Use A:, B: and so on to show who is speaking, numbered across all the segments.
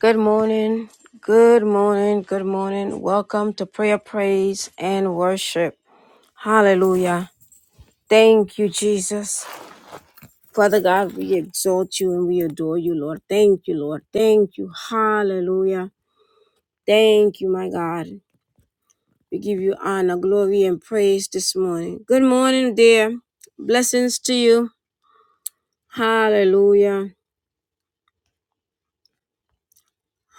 A: Good morning. Good morning. Good morning. Welcome to prayer, praise, and worship. Hallelujah. Thank you, Jesus. Father God, we exalt you and we adore you, Lord. Thank you, Lord. Thank you. Hallelujah. Thank you, my God. We give you honor, glory, and praise this morning. Good morning, dear. Blessings to you. Hallelujah.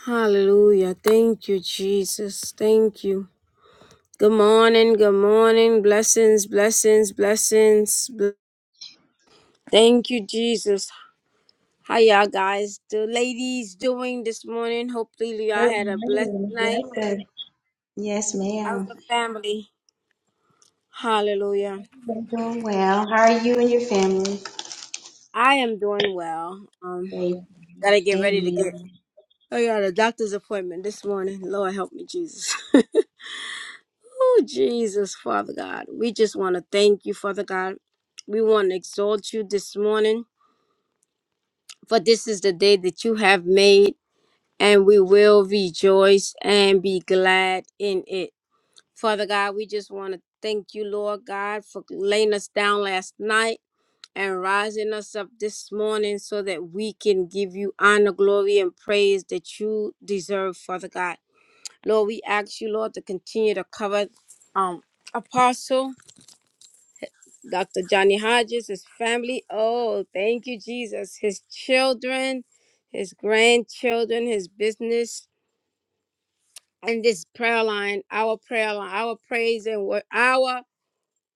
A: Hallelujah. Thank you, Jesus. Thank you. Good morning, good morning. Blessings, blessings, blessings. Bl- Thank you, Jesus. How y'all guys, the ladies doing this morning? Hopefully y'all
B: Good
A: had a blessed
B: morning.
A: night.
B: Yes, sir. Yes,
A: How's
B: ma'am.
A: the family? Hallelujah.
B: I'm doing well. How are you and your family?
A: I am doing well. Um,
B: Great.
A: gotta get ready to get
B: Amen.
A: oh yeah, the doctor's appointment this morning. Lord help me, Jesus. oh Jesus, Father God. We just wanna thank you, Father God. We wanna exalt you this morning. For this is the day that you have made and we will rejoice and be glad in it. Father God, we just want to thank you, Lord God, for laying us down last night and rising us up this morning so that we can give you honor, glory, and praise that you deserve, Father God. Lord, we ask you, Lord, to continue to cover um Apostle Dr. Johnny Hodges, his family. Oh, thank you, Jesus. His children, his grandchildren, his business, and this prayer line, our prayer line, our praise and wor- our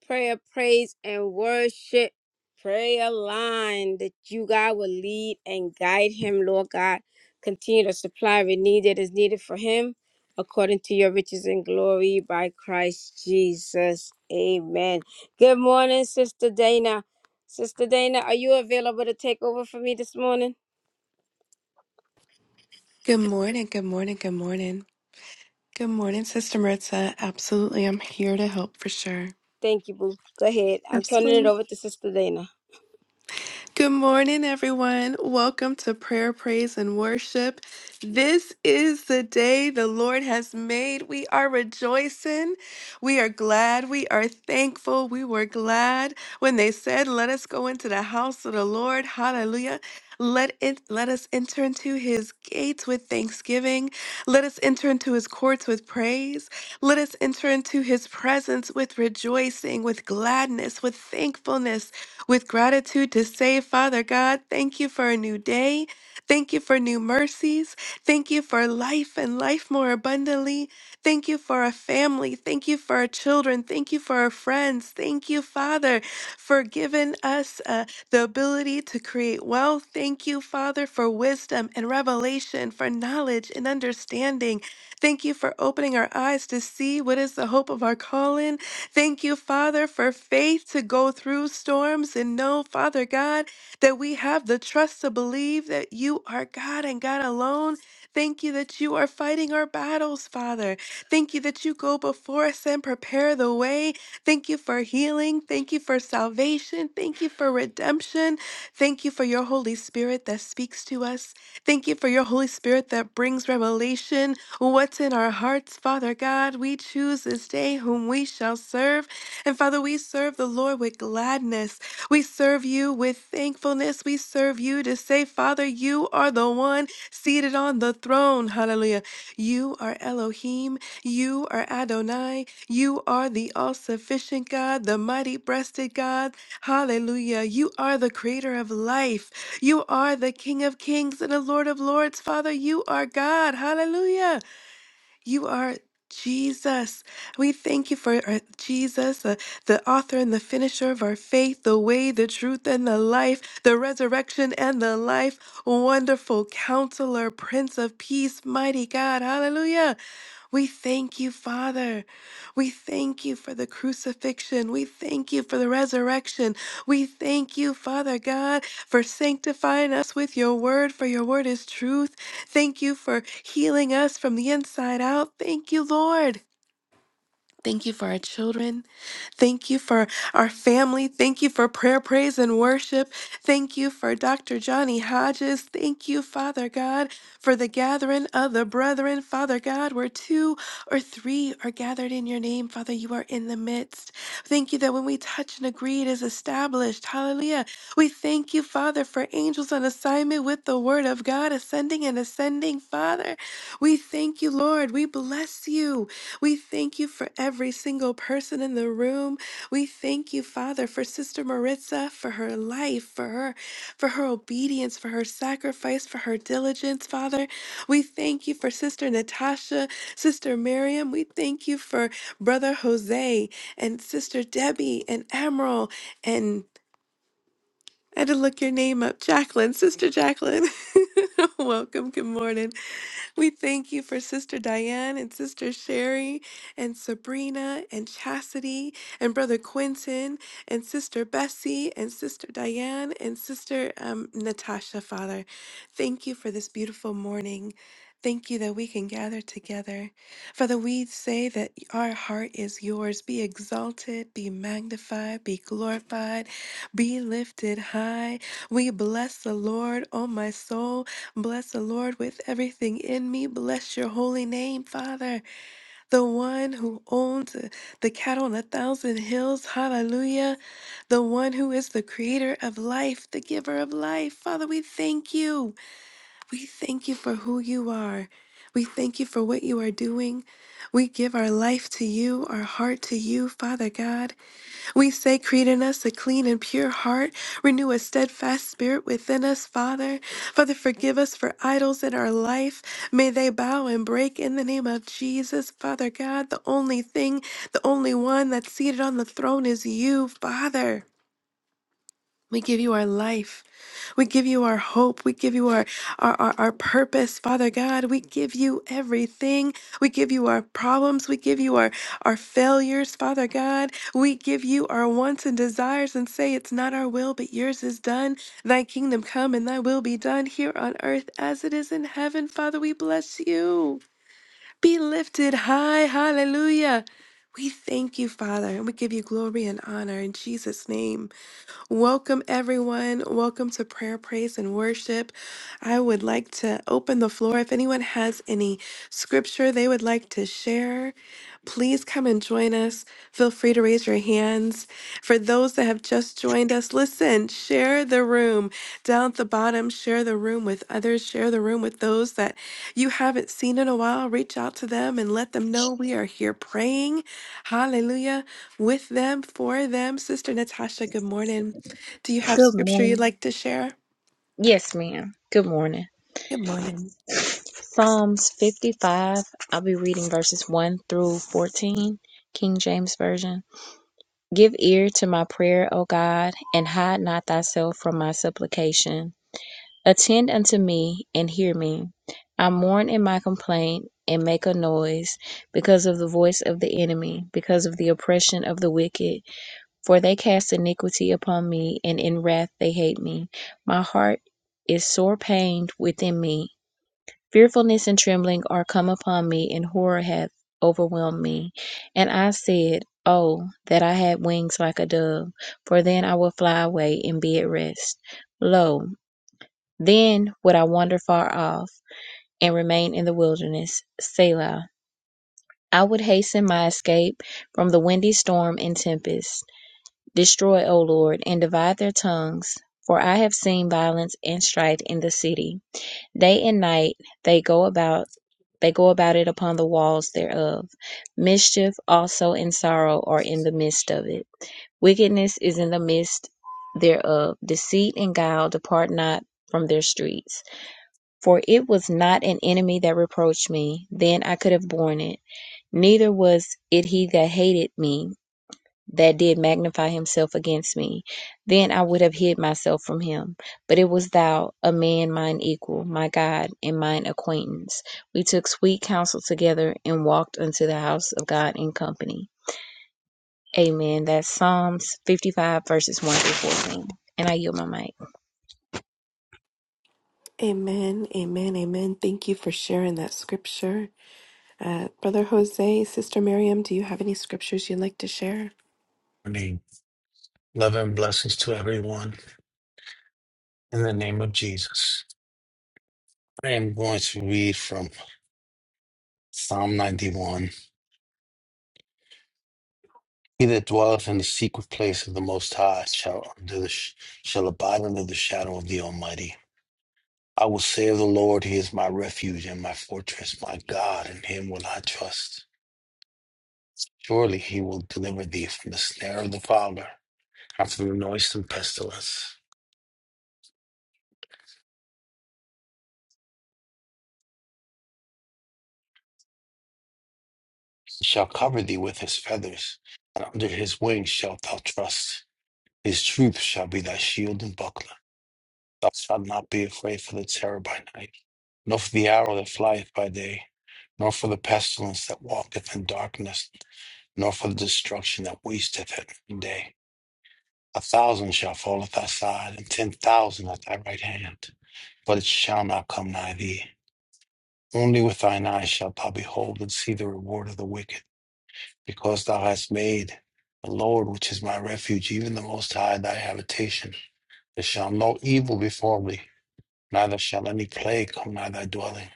A: prayer, praise and worship prayer line that you God will lead and guide him, Lord God. Continue to supply every need that is needed for him according to your riches and glory by Christ Jesus. Amen. Good morning, Sister Dana. Sister Dana, are you available to take over for me this morning?
C: Good morning, good morning, good morning. Good morning, Sister Maritza. Absolutely, I'm here to help for sure.
A: Thank you, Boo. Go ahead. I'm turning
C: Absolutely.
A: it over to Sister Dana.
C: Good morning, everyone. Welcome to Prayer, Praise, and Worship. This is the day the Lord has made. We are rejoicing. We are glad. We are thankful. We were glad when they said, Let us go into the house of the Lord. Hallelujah. Let it let us enter into his gates with thanksgiving. Let us enter into his courts with praise. Let us enter into his presence with rejoicing, with gladness, with thankfulness with gratitude to say, Father God, thank you for a new day. Thank you for new mercies. Thank you for life and life more abundantly. Thank you for our family. Thank you for our children. Thank you for our friends. Thank you, Father, for giving us uh, the ability to create wealth. Thank you, Father, for wisdom and revelation, for knowledge and understanding. Thank you for opening our eyes to see what is the hope of our calling. Thank you, Father, for faith to go through storms and know, Father God, that we have the trust to believe that you are God and God alone. Thank you that you are fighting our battles, Father. Thank you that you go before us and prepare the way. Thank you for healing. Thank you for salvation. Thank you for redemption. Thank you for your Holy Spirit that speaks to us. Thank you for your Holy Spirit that brings revelation. What's in our hearts, Father God? We choose this day whom we shall serve. And Father, we serve the Lord with gladness. We serve you with thankfulness. We serve you to say, Father, you are the one seated on the throne. Hallelujah. You are Elohim. You are Adonai. You are the all sufficient God, the mighty breasted God. Hallelujah. You are the creator of life. You are the King of kings and the Lord of lords. Father, you are God. Hallelujah. You are Jesus. We thank you for our Jesus, the, the author and the finisher of our faith, the way, the truth, and the life, the resurrection and the life. Wonderful counselor, Prince of Peace, mighty God. Hallelujah. We thank you, Father. We thank you for the crucifixion. We thank you for the resurrection. We thank you, Father God, for sanctifying us with your word, for your word is truth. Thank you for healing us from the inside out. Thank you, Lord. Thank you for our children. Thank you for our family. Thank you for prayer, praise, and worship. Thank you for Dr. Johnny Hodges. Thank you, Father God, for the gathering of the brethren. Father God, where two or three are gathered in your name, Father, you are in the midst. Thank you that when we touch and agree, it is established. Hallelujah. We thank you, Father, for angels on assignment with the word of God ascending and ascending, Father. We thank you, Lord. We bless you. We thank you for every single person in the room. We thank you, Father, for Sister Maritza, for her life, for her, for her obedience, for her sacrifice, for her diligence, Father. We thank you for Sister Natasha, Sister Miriam. We thank you for Brother Jose and Sister Debbie and Emerald and I had to look your name up, Jacqueline, Sister Jacqueline. Welcome. Good morning. We thank you for Sister Diane and Sister Sherry and Sabrina and Chastity and Brother Quentin and Sister Bessie and Sister Diane and Sister um, Natasha, Father. Thank you for this beautiful morning. Thank you that we can gather together. Father, we say that our heart is yours. Be exalted, be magnified, be glorified, be lifted high. We bless the Lord, O my soul Bless the Lord with everything in me. Bless your holy name, Father, the one who owns the cattle on a thousand hills. Hallelujah. The one who is the creator of life, the giver of life. Father, we thank you. We thank you for who you are. We thank you for what you are doing. We give our life to you, our heart to you, Father God. We say, Create in us a clean and pure heart, renew a steadfast spirit within us, Father. Father, forgive us for idols in our life. May they bow and break in the name of Jesus, Father God. The only thing, the only one that's seated on the throne is you, Father. We give you our life. We give you our hope. We give you our, our, our, our purpose, Father God. We give you everything. We give you our problems. We give you our, our failures, Father God. We give you our wants and desires and say, It's not our will, but yours is done. Thy kingdom come and thy will be done here on earth as it is in heaven. Father, we bless you. Be lifted high. Hallelujah. We thank you, Father, and we give you glory and honor in Jesus' name. Welcome, everyone. Welcome to prayer, praise, and worship. I would like to open the floor. If anyone has any scripture they would like to share, please come and join us. Feel free to raise your hands. For those that have just joined us, listen, share the room down at the bottom. Share the room with others. Share the room with those that you haven't seen in a while. Reach out to them and let them know we are here praying. Hallelujah. With them, for them. Sister Natasha, good morning. Do you have
D: Good
C: scripture you'd
D: morning.
C: like to share?
D: Yes, ma'am. Good morning.
C: Good morning.
D: Psalms 55. I'll be reading verses 1 through 14, King James Version. Give ear to my prayer, O God, and hide not thyself from my supplication. Attend unto me and hear me. I mourn in my complaint and make a noise because of the voice of the enemy, because of the oppression of the wicked. For they cast iniquity upon me, and in wrath they hate me. My heart is sore pained within me. Fearfulness and trembling are come upon me, and horror hath overwhelmed me. And I said, Oh, that I had wings like a dove, for then I would fly away and be at rest. Lo, then would I wander far off, and remain in the wilderness. Selah. I would hasten my escape from the windy storm and tempest. Destroy, O Lord, and divide their tongues, for I have seen violence and strife in the city. Day and night they go about they go about it upon the walls thereof. Mischief also and sorrow are in the midst of it. Wickedness is in the midst thereof. Deceit and guile depart not from their streets. For it was not an enemy that reproached me, then I could have borne it. Neither was it he that hated me, that did magnify himself against me. Then I would have hid myself from him. But it was thou, a man mine equal, my God, and mine acquaintance. We took sweet counsel together and walked unto the house of God in company. Amen. That's Psalms 55, verses 1 through 14. And I yield my mic.
C: Amen, amen, amen. Thank you for sharing that scripture. Uh, Brother Jose, Sister Miriam, do you have any scriptures you'd like to share?
E: morning. Love and blessings to everyone in the name of Jesus. I am going to read from Psalm 91. He that dwelleth in the secret place of the Most High shall, under the, sh- shall abide under the shadow of the Almighty. I will say of the Lord, He is my refuge and my fortress, my God, in Him will I trust. Surely he will deliver thee from the snare of the fowler and from the noisome pestilence. He shall cover thee with his feathers, and under his wings shalt thou trust. His truth shall be thy shield and buckler. Thou shalt not be afraid for the terror by night, nor for the arrow that flieth by day, nor for the pestilence that walketh in darkness, nor for the destruction that wasteth at noonday. A thousand shall fall at thy side, and ten thousand at thy right hand, but it shall not come nigh thee. Only with thine eyes shalt thou behold and see the reward of the wicked, because thou hast made the Lord, which is my refuge, even the Most High, thy habitation. There shall no evil befall thee, neither shall any plague come nigh thy dwelling.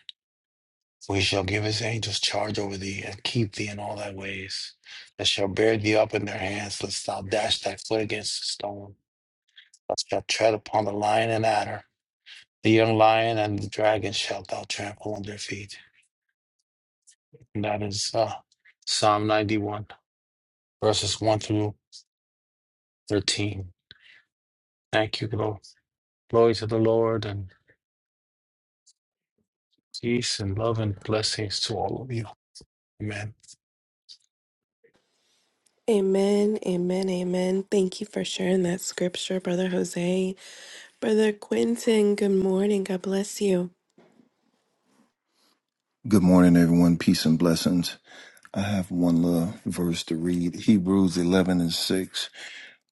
E: For he shall give his angels charge over thee, and keep thee in all thy ways. They shall bear thee up in their hands, lest thou dash thy foot against a stone. Thou shalt tread upon the lion and adder. The young lion and the dragon shalt thou trample under their feet. And that is uh, Psalm 91. verses 1 through 13. Thank you, Lord. Glory to the Lord and peace and love and blessings to all of you. Amen.
C: Amen, amen, amen. Thank you for sharing that scripture, Brother Jose. Brother Quentin, good morning. God bless you.
F: Good morning, everyone. Peace and blessings. I have one little verse to read Hebrews 11 and 6.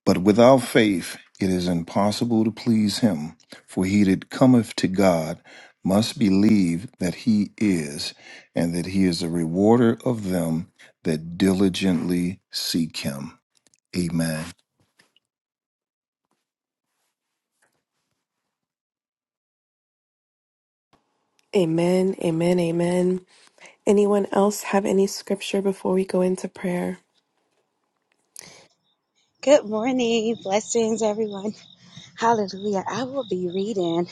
F: But without faith, it is impossible to please him, for he that cometh to God must believe that he is, and that he is a rewarder of them that diligently seek him. Amen.
C: Amen, amen, amen. Anyone else have any scripture before we go into prayer?
B: Good morning. Blessings, everyone. Hallelujah. I will be reading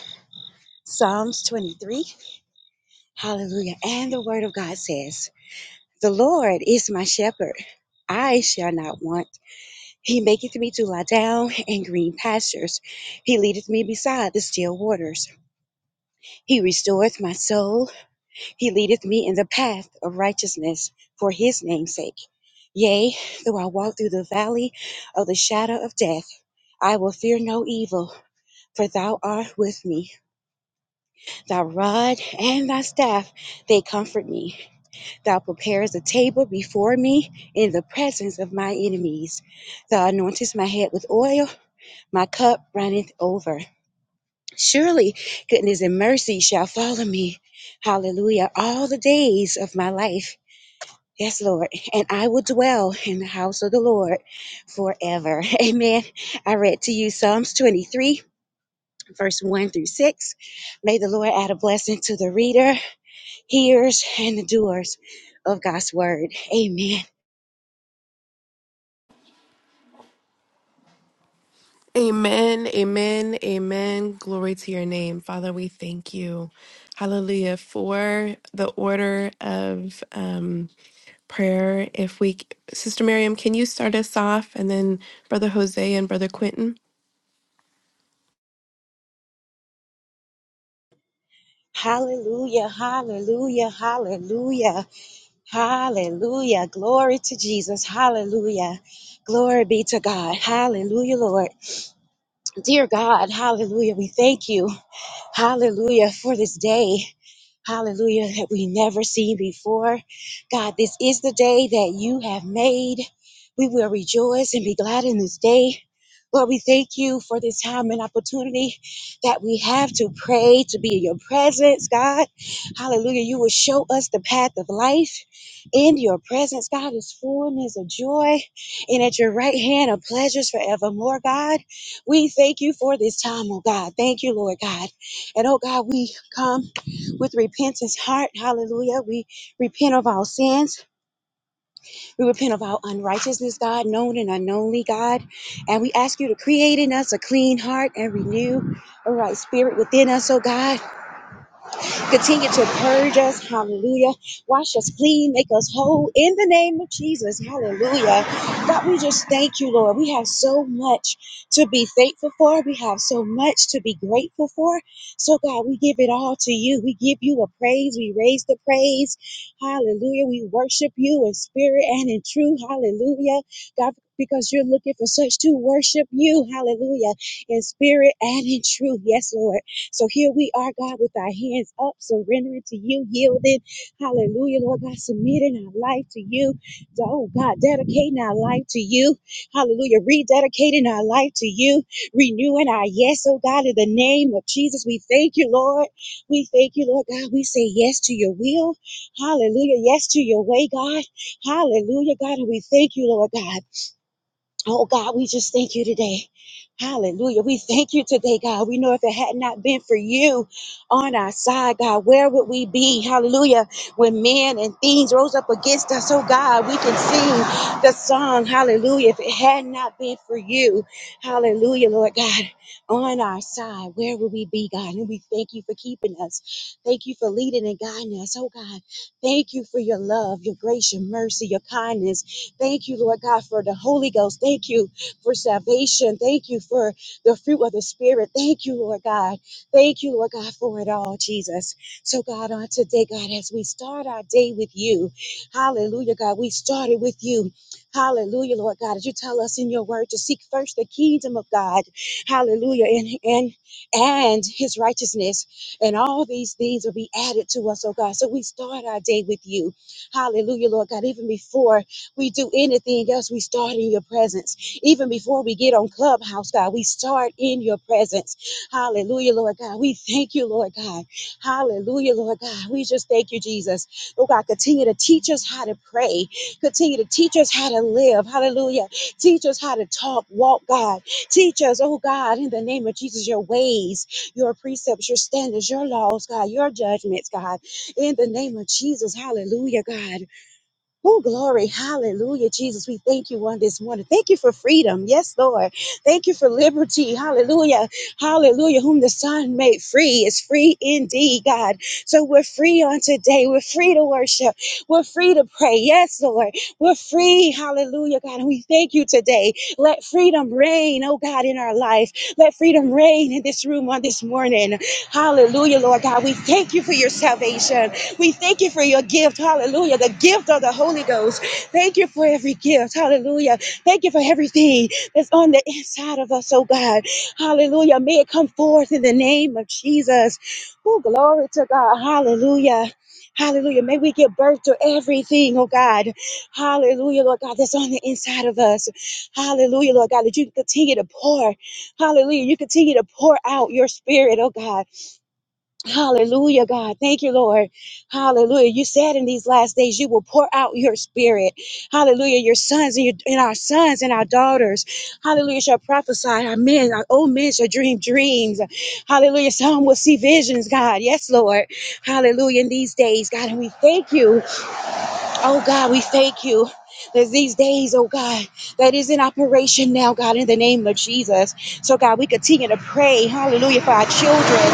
B: Psalms 23. Hallelujah. And the word of God says, The Lord is my shepherd. I shall not want. He maketh me to lie down in green pastures. He leadeth me beside the still waters. He restoreth my soul. He leadeth me in the path of righteousness for his name's sake. Yea, though I walk through the valley of the shadow of death, I will fear no evil, for thou art with me. Thy rod and thy staff, they comfort me. Thou preparest a table before me in the presence of my enemies. Thou anointest my head with oil, my cup runneth over. Surely goodness and mercy shall follow me. Hallelujah. All the days of my life Yes, Lord. And I will dwell in the house of the Lord forever. Amen. I read to you Psalms 23, verse 1 through 6. May the Lord add a blessing to the reader, hearers, and the doers of God's word. Amen.
C: Amen, amen, amen. Glory to your name. Father, we thank you. Hallelujah. For the order of um, prayer, if we, Sister Miriam, can you start us off and then Brother Jose and Brother Quentin?
B: Hallelujah, hallelujah, hallelujah, hallelujah. Glory to Jesus. Hallelujah. Glory be to God. Hallelujah, Lord. Dear God, hallelujah. We thank you. Hallelujah for this day. Hallelujah that we never seen before. God, this is the day that you have made. We will rejoice and be glad in this day. Lord, we thank you for this time and opportunity that we have to pray, to be in your presence, God. Hallelujah. You will show us the path of life. In your presence, God, is fullness of joy. And at your right hand are pleasures forevermore, God. We thank you for this time, oh God. Thank you, Lord God. And oh God, we come with repentance heart. Hallelujah. We repent of our sins. We repent of our unrighteousness, God, known and unknownly, God. And we ask you to create in us a clean heart and renew a right spirit within us, oh God. Continue to purge us. Hallelujah. Wash us clean. Make us whole in the name of Jesus. Hallelujah. God, we just thank you, Lord. We have so much to be thankful for. We have so much to be grateful for. So, God, we give it all to you. We give you a praise. We raise the praise. Hallelujah. We worship you in spirit and in truth. Hallelujah. God, because you're looking for such to worship you. Hallelujah. In spirit and in truth. Yes, Lord. So here we are, God, with our hands up, surrendering to you, yielding. Hallelujah, Lord God, submitting our life to you. Oh God, dedicating our life to you. Hallelujah, rededicating our life to you, renewing our yes, oh God, in the name of Jesus. We thank you, Lord. We thank you, Lord God. We say yes to your will. Hallelujah, yes to your way, God. Hallelujah, God. And we thank you, Lord God. Oh God, we just thank you today. Hallelujah. We thank you today, God. We know if it had not been for you on our side, God, where would we be? Hallelujah. When men and things rose up against us, oh God, we can sing the song. Hallelujah. If it had not been for you, hallelujah, Lord God, on our side, where would we be, God? And we thank you for keeping us. Thank you for leading and guiding us, oh God. Thank you for your love, your grace, your mercy, your kindness. Thank you, Lord God, for the Holy Ghost. Thank you for salvation. Thank you for the fruit of the Spirit. Thank you, Lord God. Thank you, Lord God, for it all, Jesus. So, God, on today, God, as we start our day with you, hallelujah, God, we started with you. Hallelujah, Lord God, as you tell us in your word to seek first the kingdom of God. Hallelujah. And and and his righteousness. And all these things will be added to us, oh God. So we start our day with you. Hallelujah, Lord God, even before we do anything else, we start in your presence. Even before we get on Clubhouse, God, we start in your presence. Hallelujah, Lord God. We thank you, Lord God. Hallelujah, Lord God. We just thank you, Jesus. Oh God, continue to teach us how to pray. Continue to teach us how to live. Hallelujah. Teach us how to talk, walk, God. Teach us, oh God, in the name of Jesus, your ways, your precepts, your standards, your laws, God, your judgments, God. In the name of Jesus, hallelujah, God. Oh, glory. Hallelujah. Jesus, we thank you on this morning. Thank you for freedom. Yes, Lord. Thank you for liberty. Hallelujah. Hallelujah. Whom the Son made free is free indeed, God. So we're free on today. We're free to worship. We're free to pray. Yes, Lord. We're free. Hallelujah, God. And we thank you today. Let freedom reign, oh God, in our life. Let freedom reign in this room on this morning. Hallelujah, Lord God. We thank you for your salvation. We thank you for your gift. Hallelujah. The gift of the Holy Ghost. Thank you for every gift. Hallelujah. Thank you for everything that's on the inside of us, oh God. Hallelujah. May it come forth in the name of Jesus. Oh, glory to God. Hallelujah. Hallelujah. May we give birth to everything, oh God. Hallelujah, Lord God, that's on the inside of us. Hallelujah, Lord God, that you continue to pour. Hallelujah. You continue to pour out your spirit, oh God. Hallelujah, God. Thank you, Lord. Hallelujah. You said in these last days you will pour out your spirit. Hallelujah. Your sons and, your, and our sons and our daughters. Hallelujah. Shall prophesy. Our men, our old men shall dream dreams. Hallelujah. Some will see visions, God. Yes, Lord. Hallelujah. In these days, God. And we thank you. Oh, God, we thank you. There's these days, oh God, that is in operation now, God, in the name of Jesus. So, God, we continue to pray, hallelujah, for our children.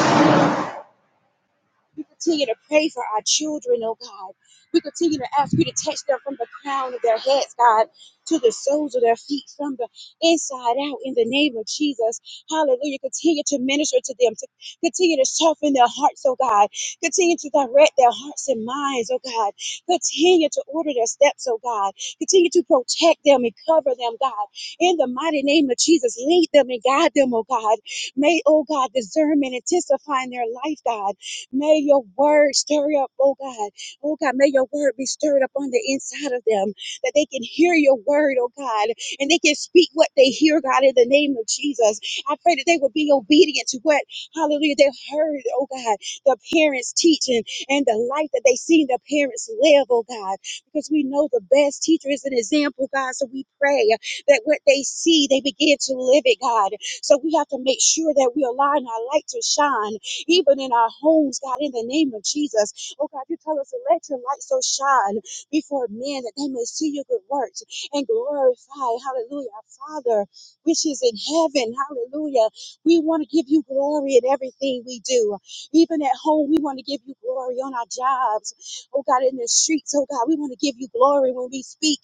B: We continue to pray for our children, oh God. We continue to ask you to touch them from the crown of their heads, God, to the soles of their feet, from the inside out, in the name of Jesus. Hallelujah. Continue to minister to them, to continue to soften their hearts, oh God. Continue to direct their hearts and minds, oh God. Continue to order their steps, oh God. Continue to protect them and cover them, God. In the mighty name of Jesus, lead them and guide them, oh God. May, oh God, discernment intensify in their life, God. May your word stir up, oh God. Oh God, may your word be stirred up on the inside of them that they can hear your word, oh God, and they can speak what they hear, God, in the name of Jesus. I pray that they will be obedient to what, hallelujah, they've heard, oh God, the parents teaching and the life that they seen the parents live, oh God, because we know the best teacher is an example, God. So we pray that what they see, they begin to live it, God. So we have to make sure that we align our light to shine even in our homes, God, in the name of Jesus. Oh, God, you tell us to let your light so shine before men that they may see your good works and glorify, hallelujah, our Father, which is in heaven, hallelujah. We want to give you glory in everything we do. Even at home, we want to give you glory on our jobs. Oh, God, in the streets, oh, God, we want to give you glory when we speak.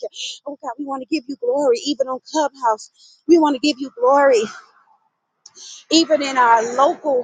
B: Oh, God, we want to give you glory even on Clubhouse. We want to give you glory even in our local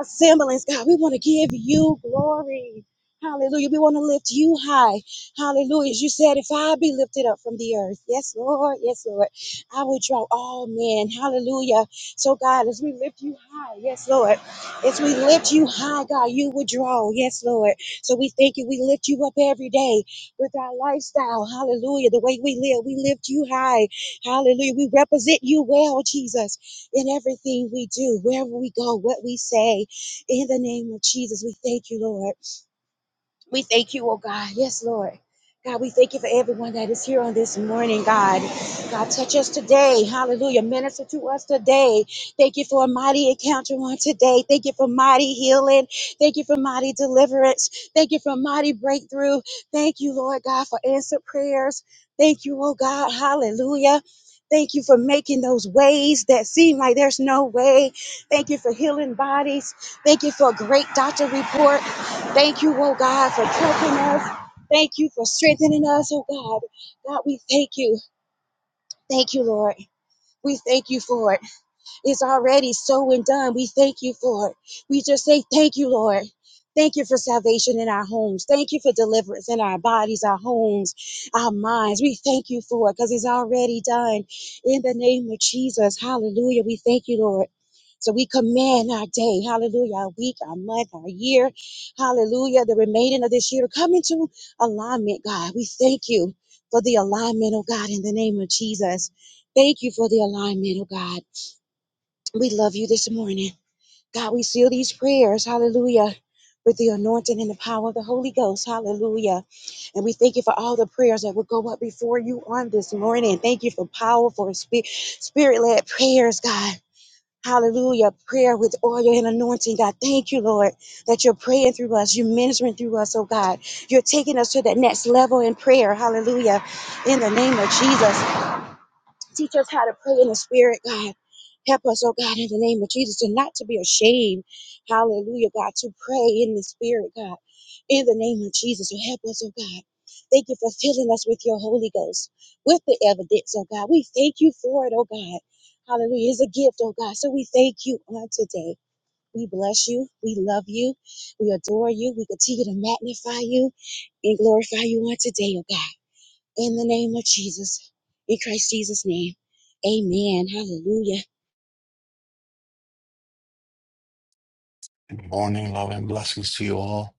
B: assemblies, God. We want to give you glory. Hallelujah. We want to lift you high. Hallelujah. As you said, if I be lifted up from the earth, yes, Lord, yes, Lord, I will draw all men. Hallelujah. So, God, as we lift you high, yes, Lord, as we lift you high, God, you will draw, yes, Lord. So, we thank you. We lift you up every day with our lifestyle. Hallelujah. The way we live, we lift you high. Hallelujah. We represent you well, Jesus, in everything we do, wherever we go, what we say. In the name of Jesus, we thank you, Lord. We thank you, oh God. Yes, Lord. God, we thank you for everyone that is here on this morning, God. God, touch us today. Hallelujah. Minister to us today. Thank you for a mighty encounter on today. Thank you for mighty healing. Thank you for mighty deliverance. Thank you for mighty breakthrough. Thank you, Lord God, for answered prayers. Thank you, oh God. Hallelujah. Thank you for making those ways that seem like there's no way. Thank you for healing bodies. Thank you for a great doctor report. Thank you, oh God, for touching us. Thank you for strengthening us, oh God. God, we thank you. Thank you, Lord. We thank you for it. Is already so and done. We thank you for it. We just say thank you, Lord. Thank you for salvation in our homes. Thank you for deliverance in our bodies, our homes, our minds. We thank you for it because it's already done. In the name of Jesus, hallelujah. We thank you, Lord. So we command our day, hallelujah, our week, our month, our year, hallelujah, the remaining of this year to come into alignment, God. We thank you for the alignment, oh God, in the name of Jesus. Thank you for the alignment, oh God. We love you this morning. God, we seal these prayers, hallelujah, with the anointing and the power of the Holy Ghost, hallelujah. And we thank you for all the prayers that will go up before you on this morning. Thank you for powerful spirit led prayers, God. Hallelujah. Prayer with oil and anointing, God. Thank you, Lord, that you're praying through us. You're ministering through us, oh God. You're taking us to that next level in prayer. Hallelujah. In the name of Jesus. Teach us how to pray in the spirit, God. Help us, oh God, in the name of Jesus, and not to be ashamed. Hallelujah, God, to pray in the spirit, God, in the name of Jesus. So help us, oh God. Thank you for filling us with your Holy Ghost, with the evidence, oh God. We thank you for it, oh God. Hallelujah. It's a gift, oh God. So we thank you on today. We bless you. We love you. We adore you. We continue to magnify you and glorify you on today, oh God. In the name of Jesus, in Christ Jesus' name, amen. Hallelujah.
E: Good morning, love and blessings to you all.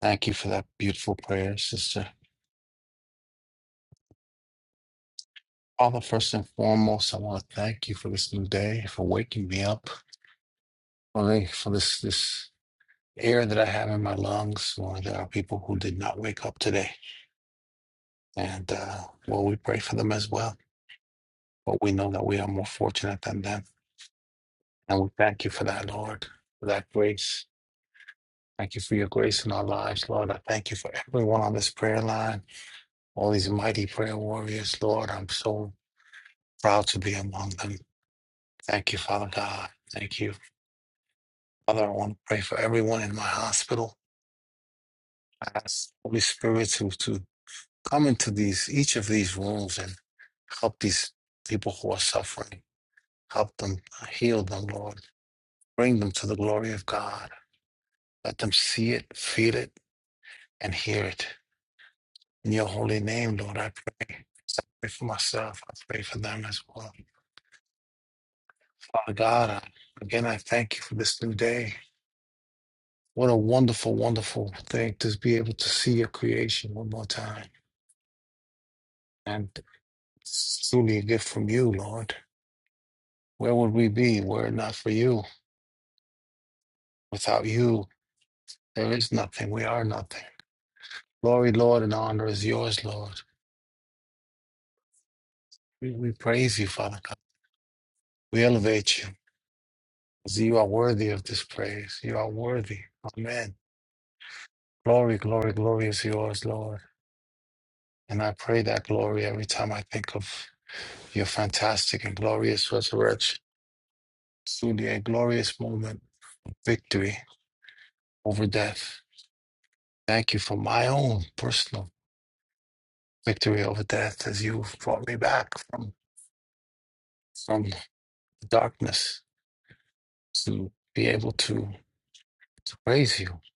E: Thank you for that beautiful prayer, sister. Father, first and foremost, I want to thank you for this new day, for waking me up. for, the, for this this air that I have in my lungs. Lord, there are people who did not wake up today, and uh, well, we pray for them as well. But we know that we are more fortunate than them, and we thank you for that, Lord, for that grace. Thank you for your grace in our lives, Lord. I thank you for everyone on this prayer line, all these mighty prayer warriors, Lord. I'm so proud to be among them. Thank you, Father God. Thank you. Father, I want to pray for everyone in my hospital. I ask Holy Spirit to, to come into these each of these rooms and help these people who are suffering. Help them, heal them, Lord. Bring them to the glory of God. Let them see it, feel it, and hear it. In your holy name, Lord, I pray. I pray for myself. I pray for them as well. Father God, I, again, I thank you for this new day. What a wonderful, wonderful thing to be able to see your creation one more time. And it's truly a gift from you, Lord. Where would we be were it not for you? Without you, There is nothing. We are nothing. Glory, Lord, and honor is yours, Lord. We, we praise you, Father God. We elevate you, you. 'cause You are worthy of this praise. You are worthy. Amen. Glory, glory, glory is yours, Lord. And I pray that glory every time I think of your fantastic and glorious resurrection. Truly a glorious moment of victory over death. Thank you for my own personal victory over death as you brought me back from, from darkness to be able to to praise you, to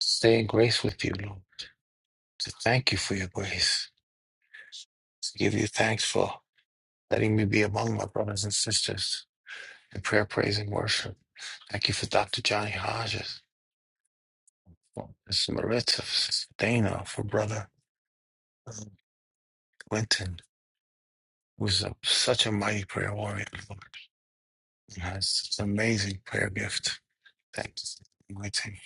E: stay in grace with you, Lord, to thank you for your grace, to give you thanks for letting me be among my brothers and sisters in prayer, praise, and worship. Thank you for Dr. Johnny Hodges, for Miss Maritza, for Sister Dana, for Brother um, Quentin, who's a, such a mighty prayer warrior, Lord, and has such an amazing prayer gift. Thanks. Anointing.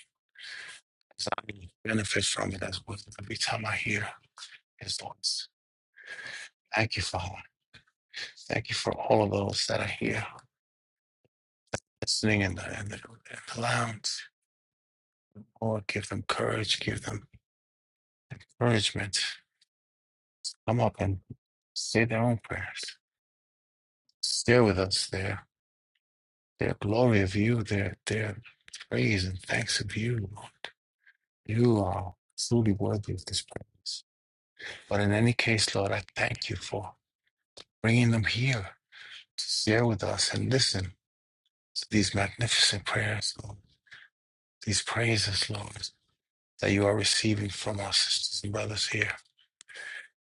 E: As I benefit from it as well every time I hear his voice. Thank you, Father. Thank you for all of those that are here listening in the, in the, in the lounge. Lord, give them courage, give them encouragement. Come up and say their own prayers. Share with us their, their glory of you, their, their praise and thanks of you, Lord. You are truly worthy of this praise. But in any case, Lord, I thank you for bringing them here to share with us and listen to these magnificent prayers, Lord, these praises, Lord, that you are receiving from our sisters and brothers here.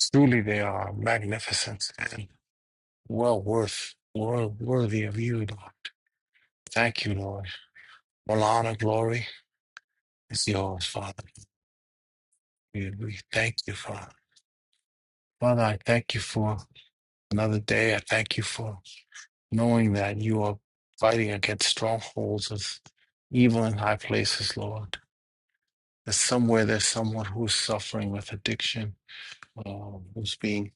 E: Truly, they are magnificent and well worth, well worthy of you, Lord. Thank you, Lord. All honor, glory is yours, Father. We, we thank you, Father. Father, I thank you for another day. I thank you for knowing that you are fighting against strongholds of evil in high places, Lord. That somewhere there's someone who's suffering with addiction, uh, who's being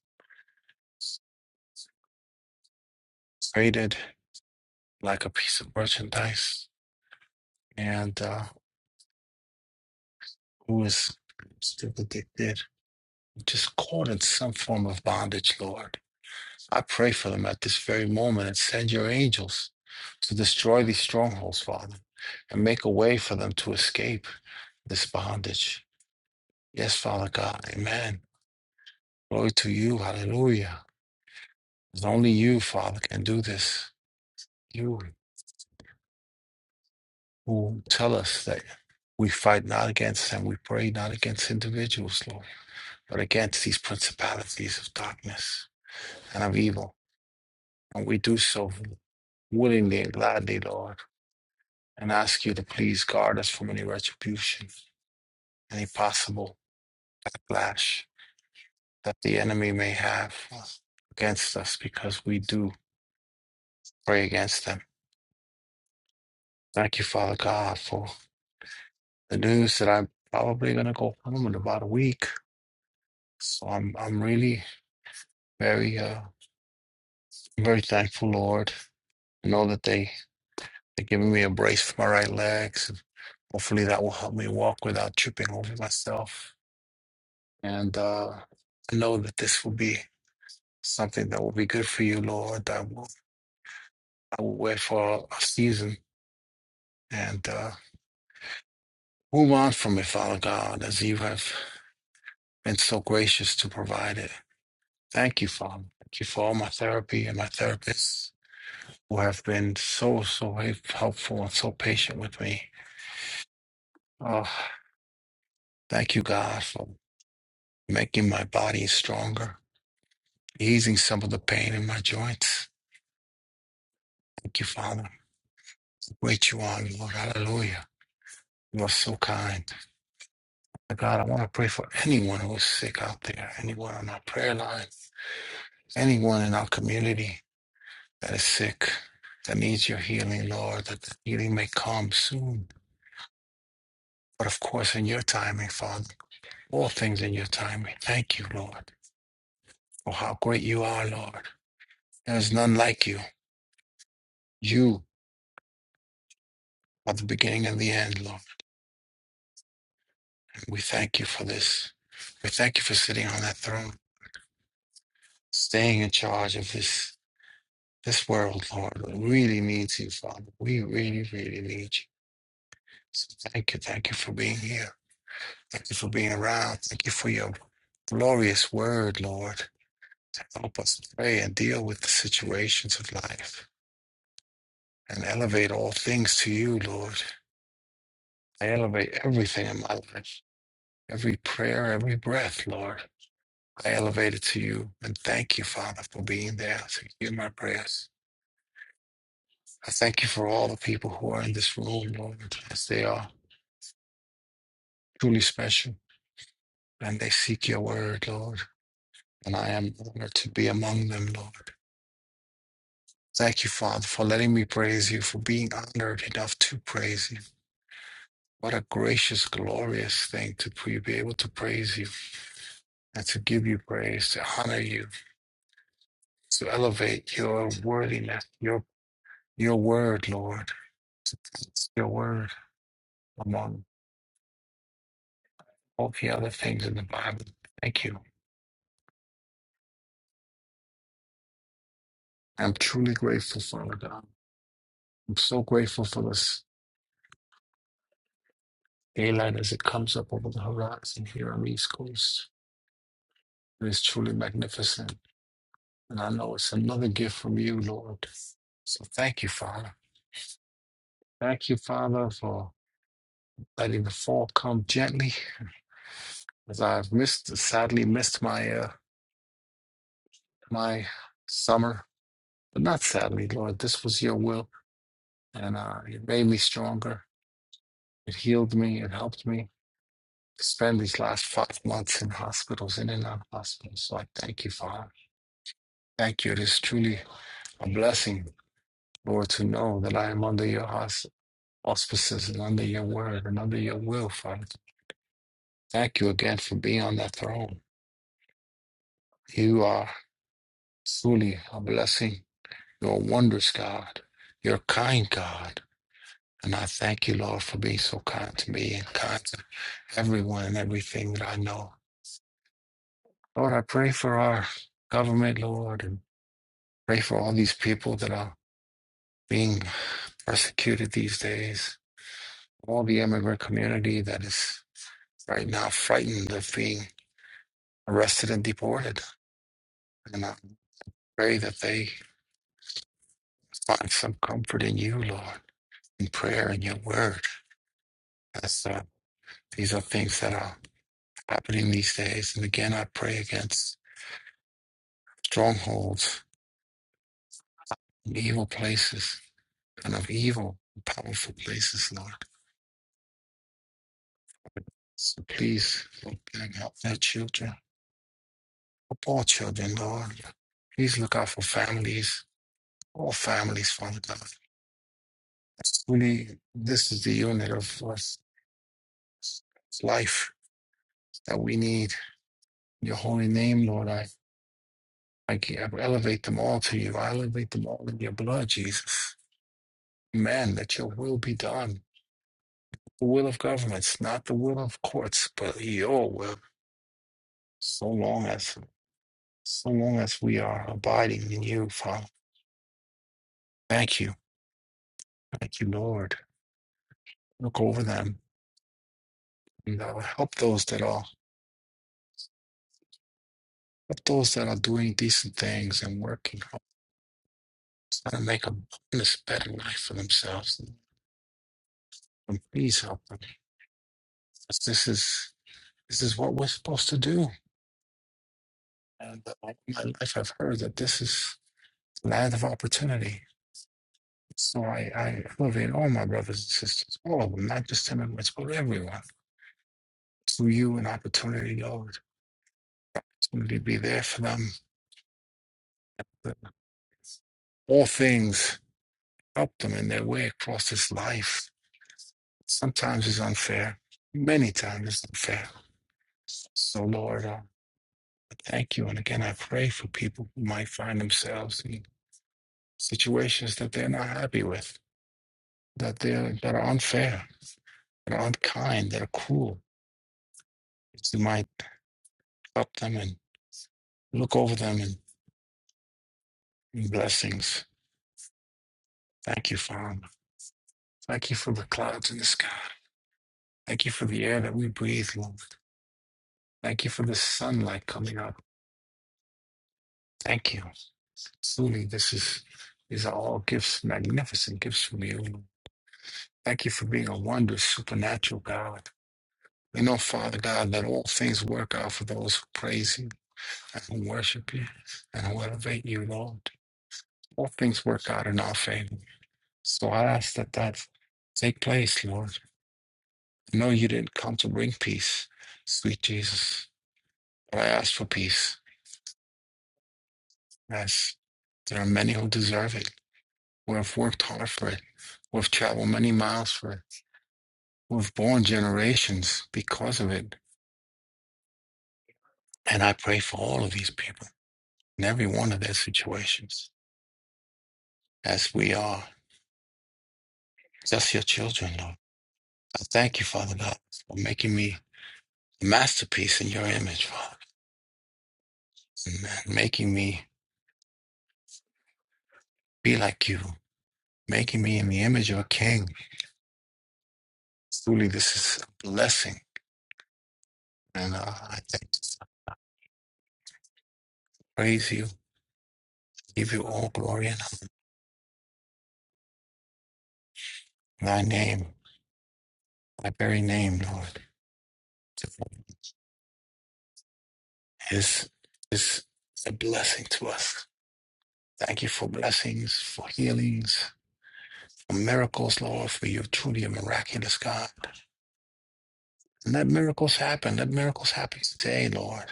E: traded like a piece of merchandise. And uh, who is still addicted, just caught in some form of bondage, Lord. I pray for them at this very moment and send your angels to destroy these strongholds, Father, and make a way for them to escape this bondage. Yes, Father God, amen. Glory to you, hallelujah. It's only you, Father, can do this. You who tell us that we fight not against and we pray not against individuals, Lord, but against these principalities of darkness and of evil And we do so willingly and gladly, Lord, and ask you to please guard us from any retribution, any possible backlash that the enemy may have against us because we do pray against them. Thank you, Father God, for the news that I'm probably going to go home in about a week. So I'm, I'm really very, uh, very thankful, Lord. I know that they, they're giving me a brace for my right legs. And hopefully that will help me walk without tripping over myself And uh, I know that this will be something that will be good for you, Lord. I will, I will wait for a season and uh, move on from it, Father God, as you have been so gracious to provide it. Thank you, Father. Thank you for all my therapy and my therapists who have been so, so helpful and so patient with me. Oh, thank you, God, for making my body stronger, easing some of the pain in my joints. Thank you, Father. Great you are, Lord. Hallelujah. You are so kind. God, I want to pray for anyone who is sick out there, anyone on our prayer line, anyone in our community that is sick, that needs your healing, Lord, that the healing may come soon. But of course, in your timing, Father, all things in your timing. Thank you, Lord, for how great you are, Lord. There is none like you. You are the beginning and the end, Lord. And we thank you for this. We thank you for sitting on that throne, staying in charge of this This world, Lord, really needs you, Father. We really, really need you. So thank you. Thank you for being here. Thank you for being around. Thank you for your glorious word, Lord. Help us pray and deal with the situations of life and elevate all things to you, Lord. I elevate everything in my life, every prayer, every breath, Lord. I elevate it to you and thank you, Father, for being there to hear my prayers. I thank you for all the people who are in this room, Lord, as they are truly special. and they seek your word, Lord. And I am honored to be among them, Lord. Thank you, Father, for letting me praise you, for being honored enough to praise you. What a gracious, glorious thing to pre- be able to praise you and to give you praise, to honor you, to elevate your worthiness, your your word, Lord. It's your word among all the other things in the Bible. Thank you. I'm truly grateful, Father God. I'm so grateful for this Daylight as it comes up over the horizon here on the East Coast. It is truly magnificent. And I know it's another gift from you, Lord. So thank you, Father. Thank you, Father, for letting the fall come gently. As I've missed, sadly missed my uh, my summer, but not sadly, Lord. This was your will, and uh, it made me stronger. It healed me. It helped me spend these last five months in hospitals, in and out of hospitals. So I thank you, Father. Thank you. It is truly a blessing Lord, to know that I am under your aus- auspices and under your word and under your will, Father. Thank you again for being on that throne. You are truly a blessing. You're a wondrous God. You're a kind God. And I thank you, Lord, for being so kind to me and kind to everyone and everything that I know. Lord, I pray for our government, Lord, and pray for all these people that are being persecuted these days, all the immigrant community that is right now frightened of being arrested and deported. And I pray that they find some comfort in you, Lord, in prayer and your word. As uh, these are things that are happening these days. And again, I pray against strongholds and evil places and of evil, powerful places, Lord. So please, Lord, bring help their children, help all children, Lord. Please look out for families, all families, Father God. Really, this is the unit of, of life that we need your holy name, Lord. I, I ge- I elevate them all to you. I elevate them all in your blood, Jesus. Amen. That your will be done. The will of governments, not the will of courts, but your will. So long as so long as we are abiding in you, Father. Thank you. Thank you, Lord. Look over them. And uh, help those that are help those that are doing decent things and working hard trying to make a this better life for themselves. And please help them. This is this is what we're supposed to do. And uh, in my life, I've heard that this is land of opportunity. So I, I elevate all my brothers and sisters, all of them, not just immigrants, but everyone, to you an opportunity, Lord. Opportunity to be there for them. that All things help them in their way across this life. Sometimes it's unfair. Many times it's unfair. So, Lord, uh, I thank you. And again, I pray for people who might find themselves in situations that they're not happy with, that they're that are unfair They aren't kind. They're cruel. It's- You might help them and look over them in and blessings. Thank you, Father. Thank you for the clouds in the sky. Thank you for the air that we breathe, Lord. Thank you for the sunlight coming up. Thank you. Truly, this is these are all gifts, magnificent gifts from you. Lord. Thank you for being a wondrous, supernatural God. We know, Father God, that all things work out for those who praise you and who worship you and who elevate you, Lord. All things work out in our favor. So I ask that that take place, Lord. No, you didn't come to bring peace, sweet Jesus. But I ask for peace. Yes, there are many who deserve it, who have worked hard for it, who have traveled many miles for it, who have borne generations because of it. And I pray for all of these people in every one of their situations, as we are just your children, Lord. I thank you, Father God, for making me a masterpiece in your image, Father, and making me be like you making me in the image of a king. Truly, this is a blessing. And uh, I thank you, I praise you, give you all glory and honor. thy name, thy very name, Lord, is, is a blessing to us. Thank you for blessings, for healings, for miracles, Lord, for you're truly a miraculous God. And let miracles happen. Let miracles happen today, Lord.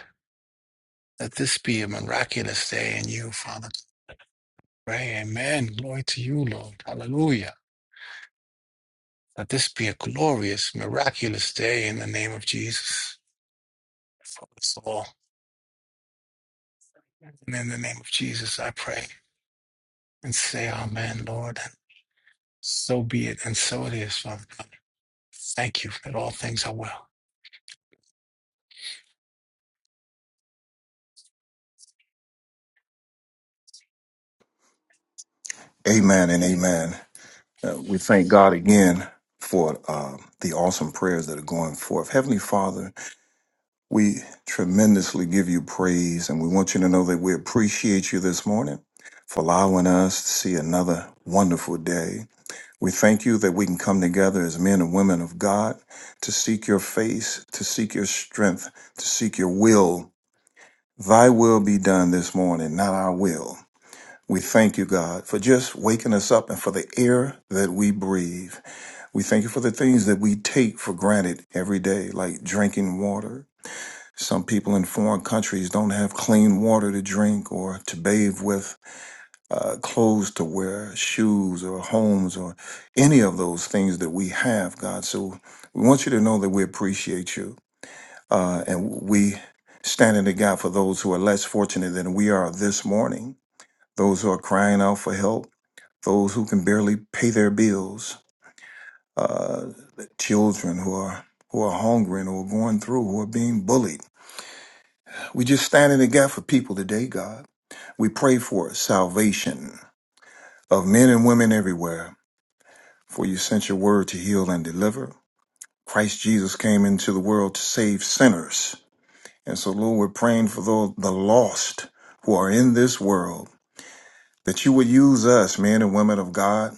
E: Let this be a miraculous day in you, Father. Pray, amen. Glory to you, Lord. Hallelujah. Let this be a glorious, miraculous day in the name of Jesus for us all. And in the name of Jesus, I pray and say, Amen, Lord. And so be it, and so it is, Father God. Thank you that all things are well.
F: Amen and amen. Uh, we thank God again for uh, the awesome prayers that are going forth. Heavenly Father, We tremendously give you praise, and we want you to know that we appreciate you this morning for allowing us to see another wonderful day. We thank you that we can come together as men and women of God to seek your face, to seek your strength, to seek your will. Thy will be done this morning, not our will. We thank you, God, for just waking us up and for the air that we breathe. We thank you for the things that we take for granted every day, like drinking water. Some people in foreign countries don't have clean water to drink or to bathe with, uh, clothes to wear, shoes or homes or any of those things that we have, God. So we want you to know that we appreciate you uh, and we stand in the gap for those who are less fortunate than we are this morning, those who are crying out for help, those who can barely pay their bills, uh, children who are who are hungry and who are going through, who are being bullied We just stand in the gap for people today, God. We pray for salvation of men and women everywhere, for you sent your word to heal and deliver. Christ Jesus came into the world to save sinners. And so, Lord, we're praying for the, the lost who are in this world, that you would use us, men and women of God,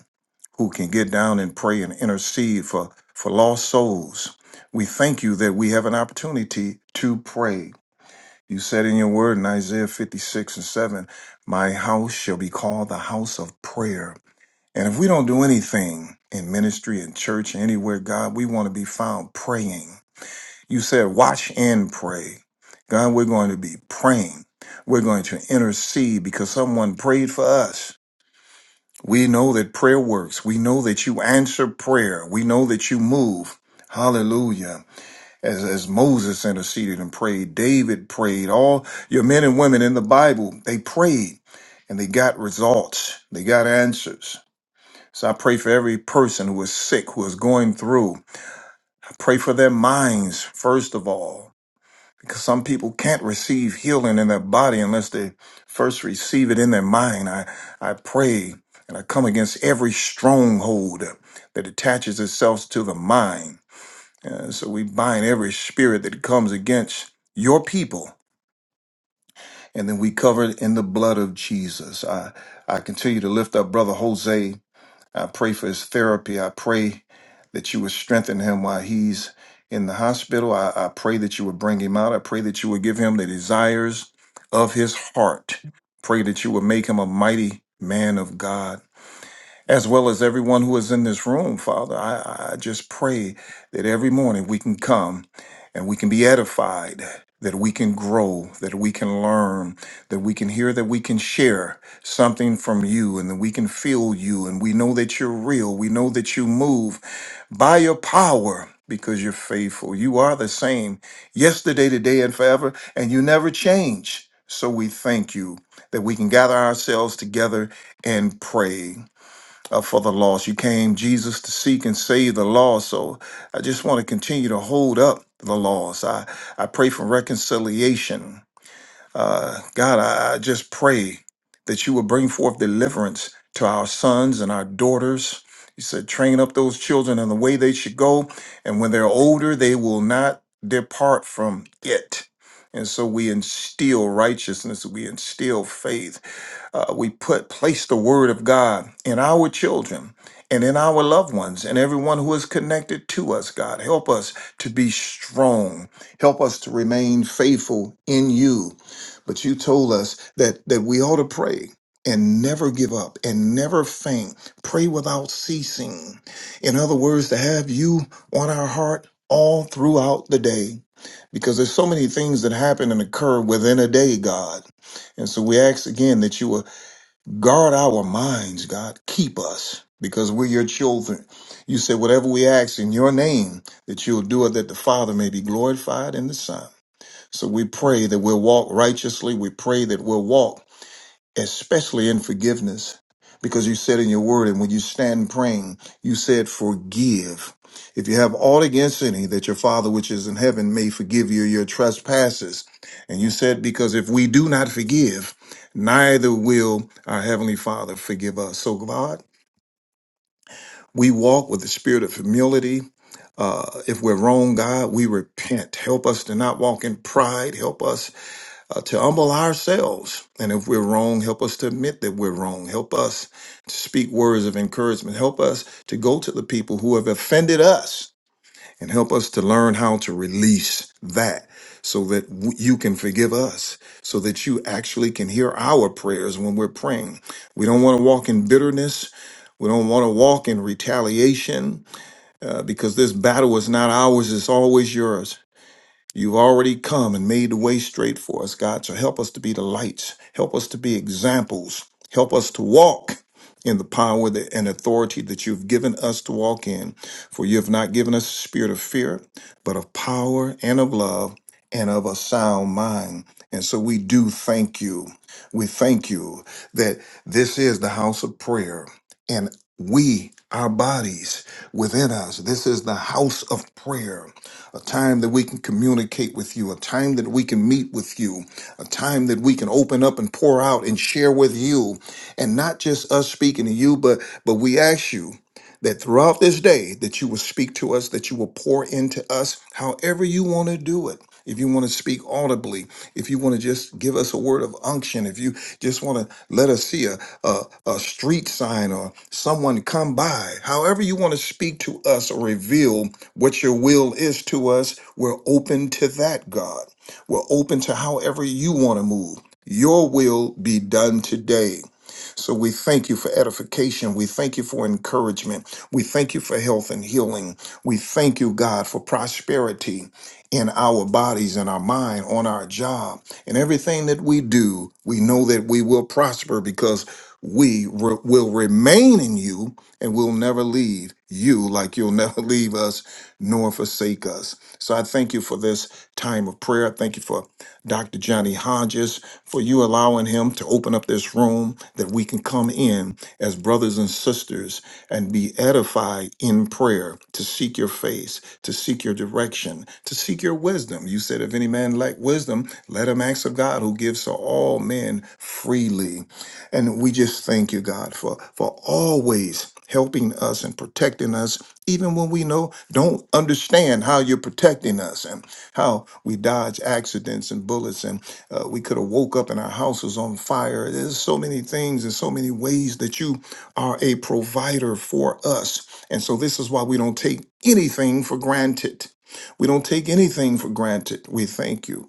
F: who can get down and pray and intercede for, for lost souls. We thank you that we have an opportunity to pray You said in your word in Isaiah 56 and 7, My house shall be called the house of prayer. And if we don't do anything in ministry, in church, anywhere, God, we want to be found praying. You said, Watch and pray. God, we're going to be praying. We're going to intercede because someone prayed for us. We know that prayer works. We know that you answer prayer. We know that you move. Hallelujah as, as Moses interceded and prayed, David prayed, all your men and women in the Bible, they prayed and they got results. They got answers. So I pray for every person who is sick, who is going through. I pray for their minds, first of all, because some people can't receive healing in their body unless they first receive it in their mind. I, I pray and I come against every stronghold that attaches itself to the mind. Uh, so we bind every spirit that comes against your people, and then we cover it in the blood of Jesus. I, I continue to lift up Brother Jose. I pray for his therapy. I pray that you would strengthen him while he's in the hospital. I, I pray that you would bring him out. I pray that you would give him the desires of his heart. Pray that you would make him a mighty man of God as well as everyone who is in this room, Father. I, I just pray that every morning we can come and we can be edified, that we can grow, that we can learn, that we can hear, that we can share something from you, and that we can feel you. And we know that you're real. We know that you move by your power. Because you're faithful. You are the same yesterday, today, and forever, and you never change. So we thank you that we can gather ourselves together and pray uh, for the lost. You came, Jesus, to seek and save the lost. So I just want to continue to hold up the lost. I, I pray for reconciliation. Uh, God, I, I just pray that you will bring forth deliverance to our sons and our daughters. You said, train up those children in the way they should go. And when they're older, they will not depart from it. And so we instill righteousness, we instill faith uh, we put place the word of God in our children and in our loved ones and everyone who is connected to us, God. Help us to be strong. Help us to remain faithful in you. But you told us that that we ought to pray and never give up and never faint. Pray without ceasing. In other words, to have you on our heart all throughout the day. Because there's so many things that happen and occur within a day, God. And so we ask again that you will Guard our minds, God. Keep us because we're your children. You said, whatever we ask in your name, that you'll do it, that the Father may be glorified in the Son. So we pray that we'll walk righteously. We pray that we'll walk especially in forgiveness, because you said in your word, and when you stand praying, you said, Forgive. If you have aught against any, that your Father which is in heaven may forgive you your trespasses. And you said, Because if we do not forgive, neither will our Heavenly Father forgive us. So, God, we walk with the spirit of humility. Uh, if we're wrong, God, we repent. Help us to not walk in pride. Help us uh, to humble ourselves. And if we're wrong, help us to admit that we're wrong. Help us to speak words of encouragement. Help us to go to the people who have offended us and help us to learn how to release that so that w- you can forgive us, so that you actually can hear our prayers when we're praying. We don't want to walk in bitterness. We don't want to walk in retaliation uh, because this battle is not ours, it's always yours. You've already come and made the way straight for us, God. So help us to be the lights. Help us to be examples. Help us to walk in the power that, and authority that you've given us to walk in. For you have not given us a spirit of fear, but of power and of love and of a sound mind. And so we do thank you. We thank you that this is the house of prayer and we, our bodies within us, this is the house of prayer a time that we can communicate with you, a time that we can meet with you, a time that we can open up and pour out and share with you. And not just us speaking to you, but but we ask you that throughout this day that you will speak to us, that you will pour into us however you want to do it. If you want to speak audibly, if you want to just give us a word of unction, if you just want to let us see a, a, a street sign or someone come by, however you want to speak to us or reveal what your will is to us, we're open to that, God. We're open to however you want to move. Your will be done today. So we thank you for edification. We thank you for encouragement. We thank you for health and healing. We thank you, God, for prosperity in our bodies, in our mind, on our job, in everything that we do. We know that we will prosper because we re- will remain in you and we'll never leave you like you'll never leave us nor forsake us. So I thank you for this time of prayer. I Thank you for Dr. Johnny Hodges, for you allowing him to open up this room that we can come in as brothers and sisters and be edified in prayer, to seek your face, to seek your direction, to seek your wisdom. You said, if any man lack wisdom, let him ask of God who gives to all men freely. And we just thank you, God, for, for always helping us and protecting us, even when we know don't understand how you're protecting us how we dodge accidents and bullets, and uh, we could have woke up and our house was on fire. There's so many things and so many ways that you are a provider for us. And so this is why we don't take anything for granted. We don't take anything for granted. We thank you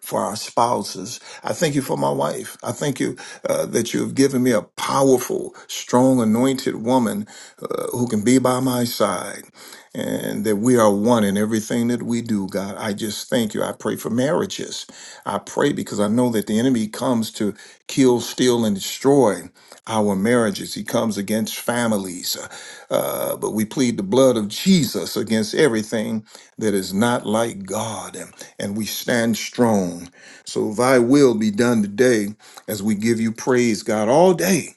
F: for our spouses. I thank you for my wife. I thank you uh, that you have given me a powerful, strong, anointed woman uh, who can be by my side and that we are one in everything that we do, God. I just thank you. I pray for marriages. I pray because I know that the enemy comes to kill, steal, and destroy our marriages. He comes against families. Uh, but we plead the blood of Jesus against everything that is not like God and we stand strong. So thy will be done today as we give you praise, God, all day.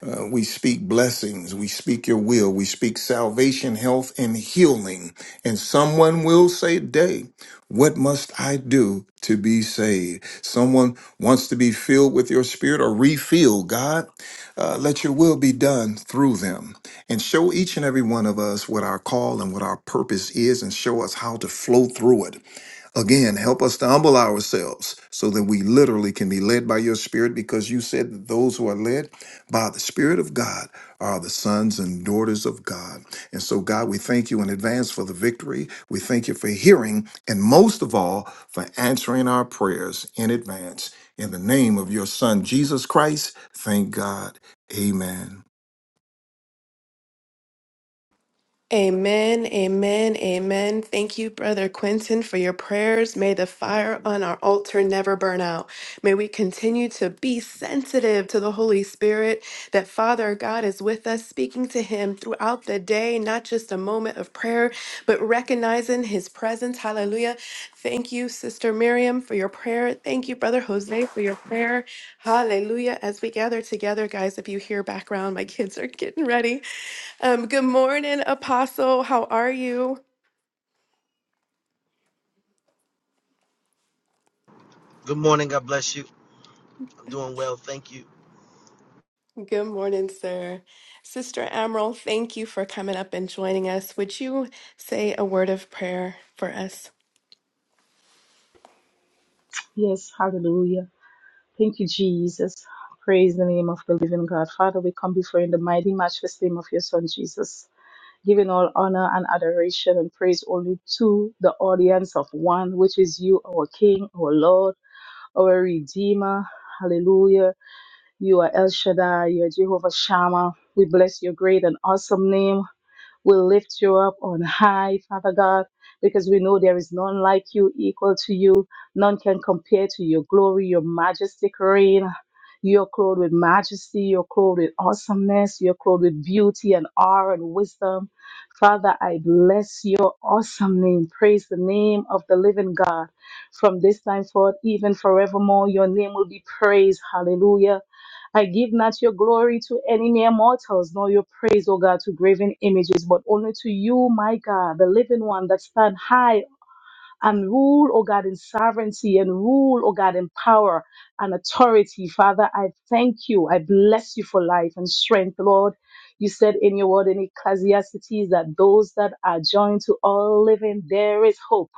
F: Uh, we speak blessings. We speak your will. We speak salvation, health, and healing. And someone will say today, what must I do to be saved? Someone wants to be filled with your spirit or refilled, God. Uh, let your will be done through them and show each and every one of us what our call and what our purpose is and show us how to flow through it Again, help us to humble ourselves so that we literally can be led by your spirit because you said that those who are led by the spirit of God are the sons and daughters of God. And so, God, we thank you in advance for the victory. We thank you for hearing and most of all for answering our prayers in advance. In the name of your son, Jesus Christ, thank God. Amen.
C: Amen, amen, amen. Thank you, Brother Quentin, for your prayers. May the fire on our altar never burn out. May we continue to be sensitive to the Holy Spirit, that Father God is with us, speaking to Him throughout the day, not just a moment of prayer, but recognizing His presence. Hallelujah. Thank you, Sister Miriam, for your prayer. Thank you, Brother Jose, for your prayer. Hallelujah. As we gather together, guys, if you hear background, my kids are getting ready. Um, good morning, Apostle. How are you?
G: Good morning. God bless you. I'm doing well. Thank you.
C: Good morning, sir. Sister Admiral, thank you for coming up and joining us. Would you say a word of prayer for us?
H: Yes, hallelujah. Thank you, Jesus. Praise the name of the living God. Father, we come before you in the mighty, matchless name of your Son, Jesus, giving all honor and adoration and praise only to the audience of one, which is you, our King, our Lord, our Redeemer. Hallelujah. You are El Shaddai, you are Jehovah Shammah. We bless your great and awesome name. We lift you up on high, Father God, because we know there is none like you, equal to you. None can compare to your glory, your majestic reign. You're clothed with majesty, you're clothed with awesomeness, you're clothed with beauty and awe and wisdom. Father, I bless your awesome name. Praise the name of the living God. From this time forth, even forevermore, your name will be praised. Hallelujah. I give not your glory to any mere mortals, nor your praise, O God, to graven images, but only to you, my God, the living one that stand high and rule, oh God, in sovereignty and rule, oh God, in power and authority. Father, I thank you. I bless you for life and strength, Lord. You said in your word in Ecclesiastes that those that are joined to all living, there is hope.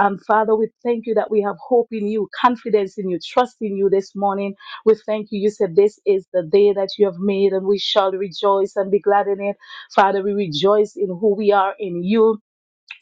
H: Um, Father, we thank you that we have hope in you, confidence in you, trust in you this morning. We thank you. You said this is the day that you have made and we shall rejoice and be glad in it. Father, we rejoice in who we are in you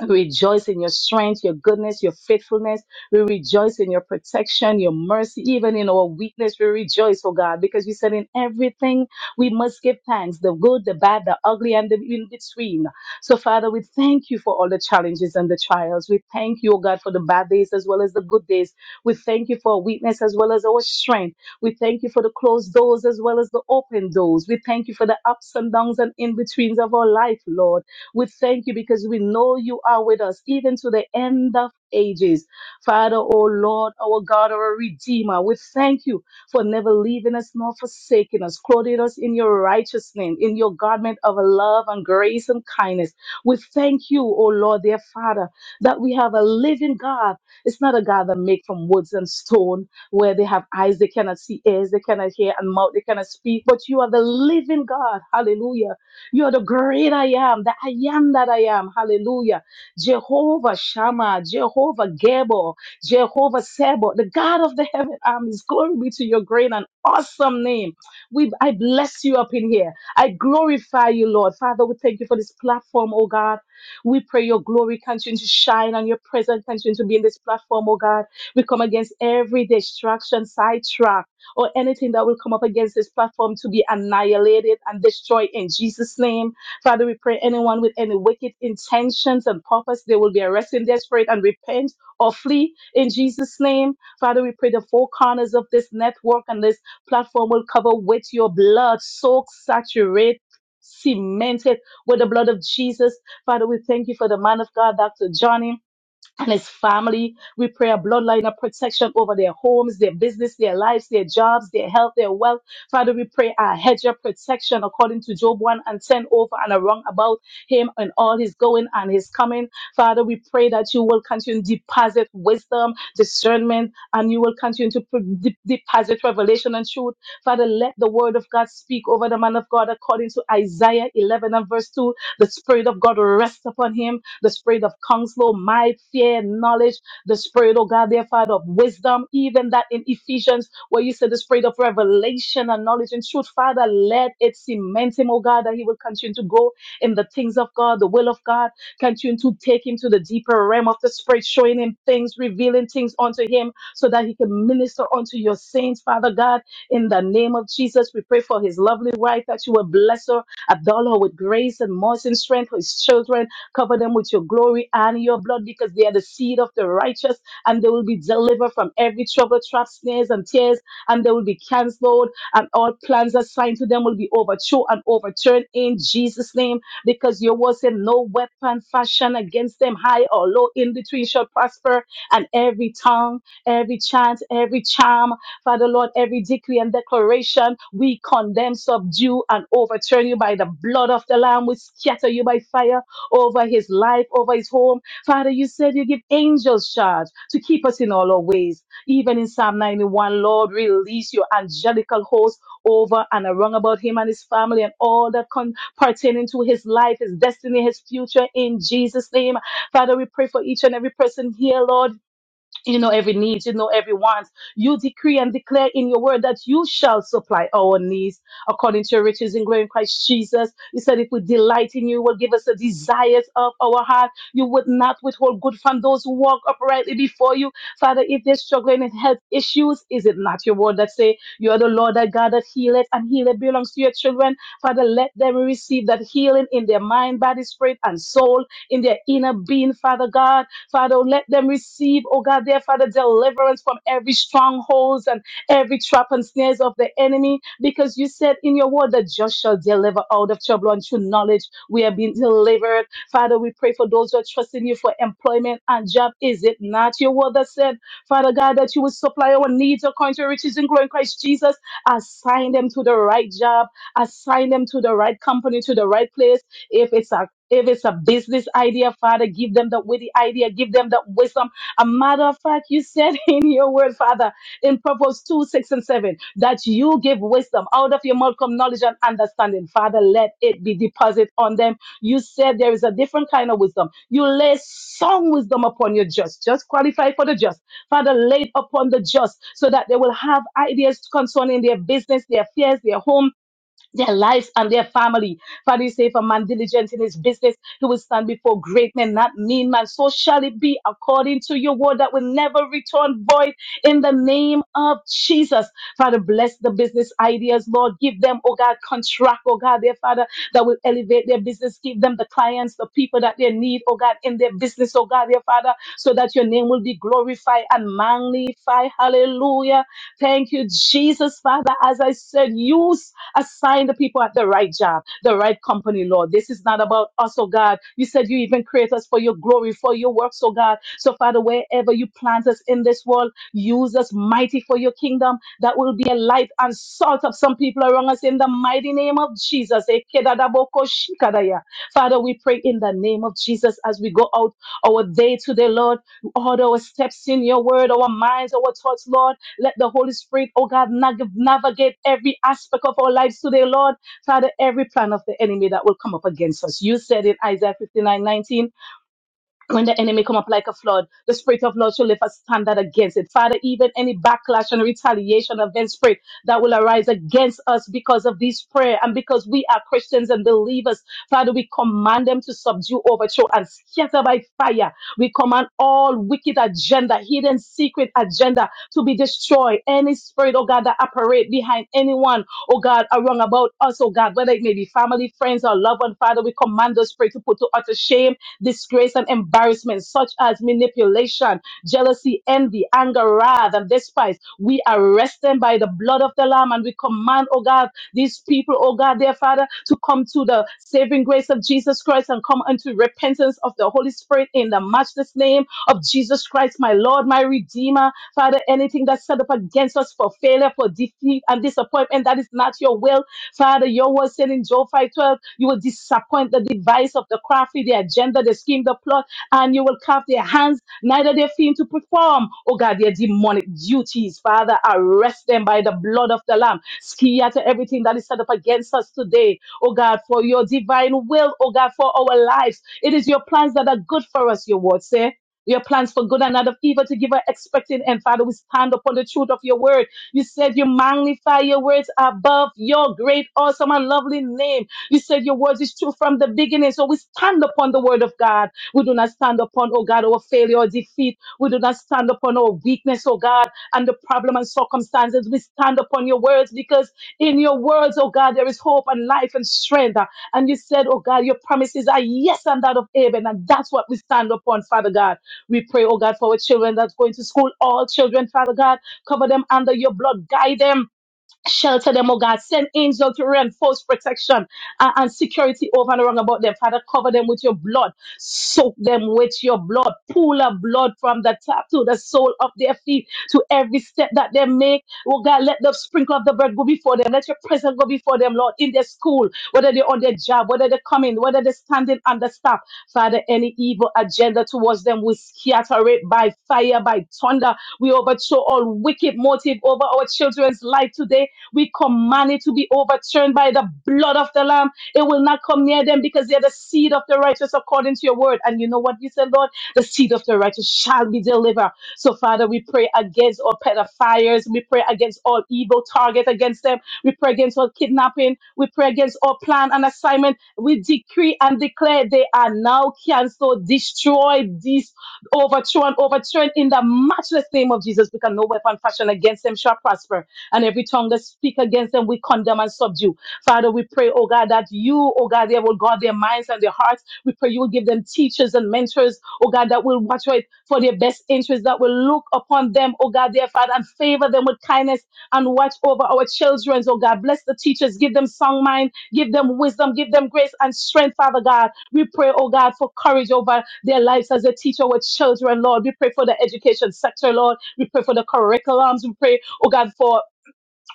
H: we rejoice in your strength, your goodness, your faithfulness. We rejoice in your protection, your mercy, even in our weakness. We rejoice, oh God, because you said in everything we must give thanks the good, the bad, the ugly, and the in between. So, Father, we thank you for all the challenges and the trials. We thank you, oh God, for the bad days as well as the good days. We thank you for our weakness as well as our strength. We thank you for the closed doors as well as the open doors. We thank you for the ups and downs and in betweens of our life, Lord. We thank you because we know you are with us even to the end of ages. Father, O Lord, our God, our Redeemer, we thank you for never leaving us nor forsaking us, clothing us in your righteousness, in your garment of love and grace and kindness. We thank you, O Lord, dear Father, that we have a living God. It's not a God that made from woods and stone, where they have eyes they cannot see, ears they cannot hear, and mouth they cannot speak, but you are the living God. Hallelujah you're the great I am, the I am that I am. Hallelujah. Jehovah Shammah, Jehovah Gabor, Jehovah Sabo, the God of the heaven armies. Glory be to your great and awesome name. We, I bless you up in here. I glorify you, Lord. Father, we thank you for this platform, oh God. We pray your glory continue to shine and your presence continue to be in this platform, oh God. We come against every distraction, sidetrack or anything that will come up against this platform to be annihilated and destroyed in Jesus' name. Father, we pray anyone with any wicked intentions and purpose, they will be arrested in their spirit and repent or flee in Jesus' name. Father, we pray the four corners of this network and this platform will cover with your blood, soak, saturate, cemented with the blood of Jesus. Father, we thank you for the man of God, Dr. Johnny and his family. We pray a bloodline of protection over their homes, their business, their lives, their jobs, their health, their wealth. Father, we pray a hedge of protection according to Job 1 and 10 over and around about him and all his going and his coming. Father, we pray that you will continue to deposit wisdom, discernment, and you will continue to pro- de- deposit revelation and truth. Father, let the word of God speak over the man of God according to Isaiah 11 and verse 2 the Spirit of God rests upon him. The Spirit of counsel, might, fear, knowledge. The Spirit, oh God, dear Father, of wisdom. Even that in Ephesians, where you said the Spirit of revelation and knowledge and truth, Father, let it cement him, oh God, that he will continue to go in the things of God, the will of God. Continue to take him to the deeper realm of the Spirit, showing him things, revealing things unto him so that he can minister unto your saints, Father God. In the name of Jesus, we pray for his lovely wife that you will bless her Abdullah with grace and mercy and strength for his children. Cover them with your glory and your blood because they are the seed of the righteous and they will be delivered from every trouble, trap, snares, and tears, and they will be cancelled, and all plans assigned to them will be overthrown and overturned in Jesus' name because your word said, No weapon fashioned against them, high or low, in between shall prosper, and every tongue, every chant, every charm. Father Lord, every decree and declaration we condemn, subdue, and overturn you by the blood of the Lamb. We scatter you by fire over his life, over his home. Father, you said you give angels charge to keep us in all our ways. Even in Psalm 91, Lord, release your angelical host over and around about him and his family and all that con- pertaining to his life, his destiny, his future in Jesus' name. Father, we pray for each and every person here, Lord you know every need, you know every want. You decree and declare in your word that you shall supply our needs according to your riches in glory in Christ Jesus. You said if we delight in you, you will give us the desires of our heart. You would not withhold good from those who walk uprightly before you. Father, if they're struggling in health issues, is it not your word that say you are the Lord that God that healeth and healer belongs to your children? Father, let them receive that healing in their mind, body, spirit, and soul, in their inner being, Father God. Father, let them receive, oh God, dear Father, deliverance from every strongholds and every trap and snares of the enemy, because you said in your word that just shall deliver out of trouble and through knowledge. We have been delivered. Father, we pray for those who are trusting you for employment and job. Is it not your word that said, Father God, that you will supply our needs according to your riches and glory in Christ Jesus? Assign them to the right job, assign them to the right company, to the right place. If it's a if it's a business idea, Father, give them the witty idea, give them the wisdom. A matter of fact, you said in your word, Father, in Proverbs 2, 6, and 7, that you give wisdom out of your mouth come knowledge and understanding. Father, let it be deposited on them. You said there is a different kind of wisdom. You lay some wisdom upon your just. Just qualify for the just. Father, laid upon the just so that they will have ideas concerning their business, their affairs, their home, their lives and their family. Father, you say, if a man diligent in his business, he will stand before great men, not mean man. So shall it be according to your word that will never return void in the name of Jesus. Father, bless the business ideas, Lord. Give them, oh God, contract, oh God, their Father, that will elevate their business. Give them the clients, the people that they need, oh God, in their business, oh God, their Father, so that your name will be glorified and magnified. Hallelujah. Thank you, Jesus, Father. As I said, you s- assign the people at the right job, the right company, Lord. This is not about us, oh God. You said you even create us for your glory, for your works, oh God. So, Father, wherever you plant us in this world, use us mighty for your kingdom. That will be a light and salt of some people around us in the mighty name of Jesus. Ekedadabokoshikadaya. Father, we pray in the name of Jesus as we go out our day today, Lord. Order our steps in your word, our minds, our thoughts, Lord. Let the Holy Spirit, oh God, nav- navigate every aspect of our lives today, Lord. Father, every plan of the enemy that will come up against us. You said in Isaiah 59:19 when the enemy come up like a flood, the spirit of Lord shall lift a standard against it. Father, even any backlash and retaliation against spirit that will arise against us because of this prayer and because we are Christians and believers, Father, we command them to subdue, overthrow, and scatter by fire. We command all wicked agenda, hidden secret agenda to be destroyed. Any spirit, oh God, that operate behind anyone, oh God, around about us, oh God, whether it may be family, friends, or loved one, Father, we command the spirit to put to utter shame disgrace and embarrassment, such as manipulation, jealousy, envy, anger, wrath, and despise. We arrest them by the blood of the Lamb and we command, oh God, these people, oh God, their Father, to come to the saving grace of Jesus Christ and come unto repentance of the Holy Spirit in the matchless name of Jesus Christ, my Lord, my Redeemer. Father, anything that's set up against us for failure, for defeat, and disappointment, that is not your will. Father, your word said in Job 5:12, you will disappoint the device of the crafty, the agenda, the scheme, the plot, and you will carve their hands, neither their feet to perform. Oh God, their demonic duties, Father, arrest them by the blood of the Lamb. Scatter everything that is set up against us today. Oh God, for your divine will, oh God, for our lives. It is your plans that are good for us, your word say. Your plans for good and not of evil to give us expecting. And Father, we stand upon the truth of your word. You said you magnify your words above your great, awesome, and lovely name. You said your words is true from the beginning. So we stand upon the word of God. We do not stand upon, oh God, our failure or defeat. We do not stand upon our weakness, oh God, and the problem and circumstances. We stand upon your words because in your words, oh God, there is hope and life and strength. And you said, oh God, your promises are yes and that of Abel. And that's what we stand upon, Father God. We pray, oh God, for our children that's going to school, all children, Father God. Cover them under your blood. Guide them. Shelter them, oh God. Send angels to reinforce protection uh, and security over and around about them. Father, cover them with your blood. Soak them with your blood. Pool of blood from the top to the sole of their feet to every step that they make. Oh God, let the sprinkle of the blood go before them. Let your presence go before them, Lord, in their school, whether they're on their job, whether they're coming, whether they're standing understaffed. Father, any evil agenda towards them, we scatter it by fire, by thunder. We overthrow all wicked motive over our children's life today we command it to be overturned by the blood of the Lamb. It will not come near them because they are the seed of the righteous according to your word. And you know what you said, Lord? The seed of the righteous shall be delivered. So, Father, we pray against all pedophiles. We pray against all evil target against them. We pray against all kidnapping. We pray against all plan and assignment. We decree and declare they are now canceled, destroyed, dis- overthrown, overturned in the matchless name of Jesus. Because no weapon fashioned against them shall prosper and every tongue that speak against them, we condemn and subdue. Father, we pray, oh God, that you, oh God, they will guard their minds and their hearts. We pray you will give them teachers and mentors, oh God, that will watch out for their best interests, that will look upon them, oh God, dear Father, and favor them with kindness and watch over our children, oh God. Bless the teachers, give them sound mind, give them wisdom, give them grace and strength, Father God. We pray, oh God, for courage over their lives as a teacher with children, Lord. We pray for the education sector, Lord. We pray for the curriculums. We pray, oh God, for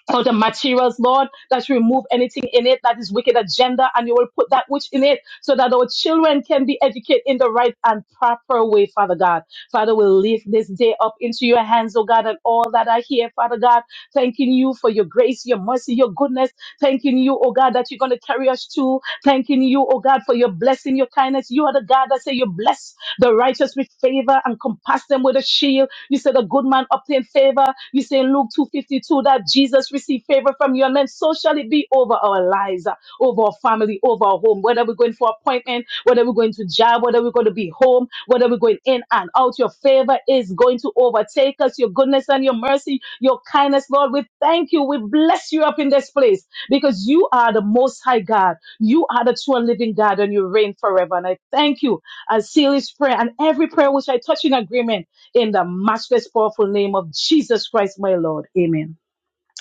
H: so the materials, Lord, that you remove anything in it that is wicked agenda and you will put that which in it so that our children can be educated in the right and proper way, Father God. Father, we'll leave this day up into your hands, oh God, and all that are here, Father God, thanking you for your grace, your mercy, your goodness, thanking you, oh God, that you're going to carry us to, thanking you, oh God, for your blessing, your kindness. You are the God that say you bless the righteous with favor and compass them with a shield. You said a good man obtained favor. You say in Luke 2.52 that Jesus received favor from you and then so shall it be over our lives, uh, over our family, over our home, whether we're going for appointment, whether we're going to job, whether we're going to be home, whether we're going in and out. Your favor is going to overtake us. Your goodness and your mercy, your kindness, Lord, we thank you. We bless you up in this place because you are the most high God. You are the true and living God and you reign forever. And I thank you. I seal this prayer and every prayer which I touch in agreement in the matchless powerful name of Jesus Christ, my Lord. Amen.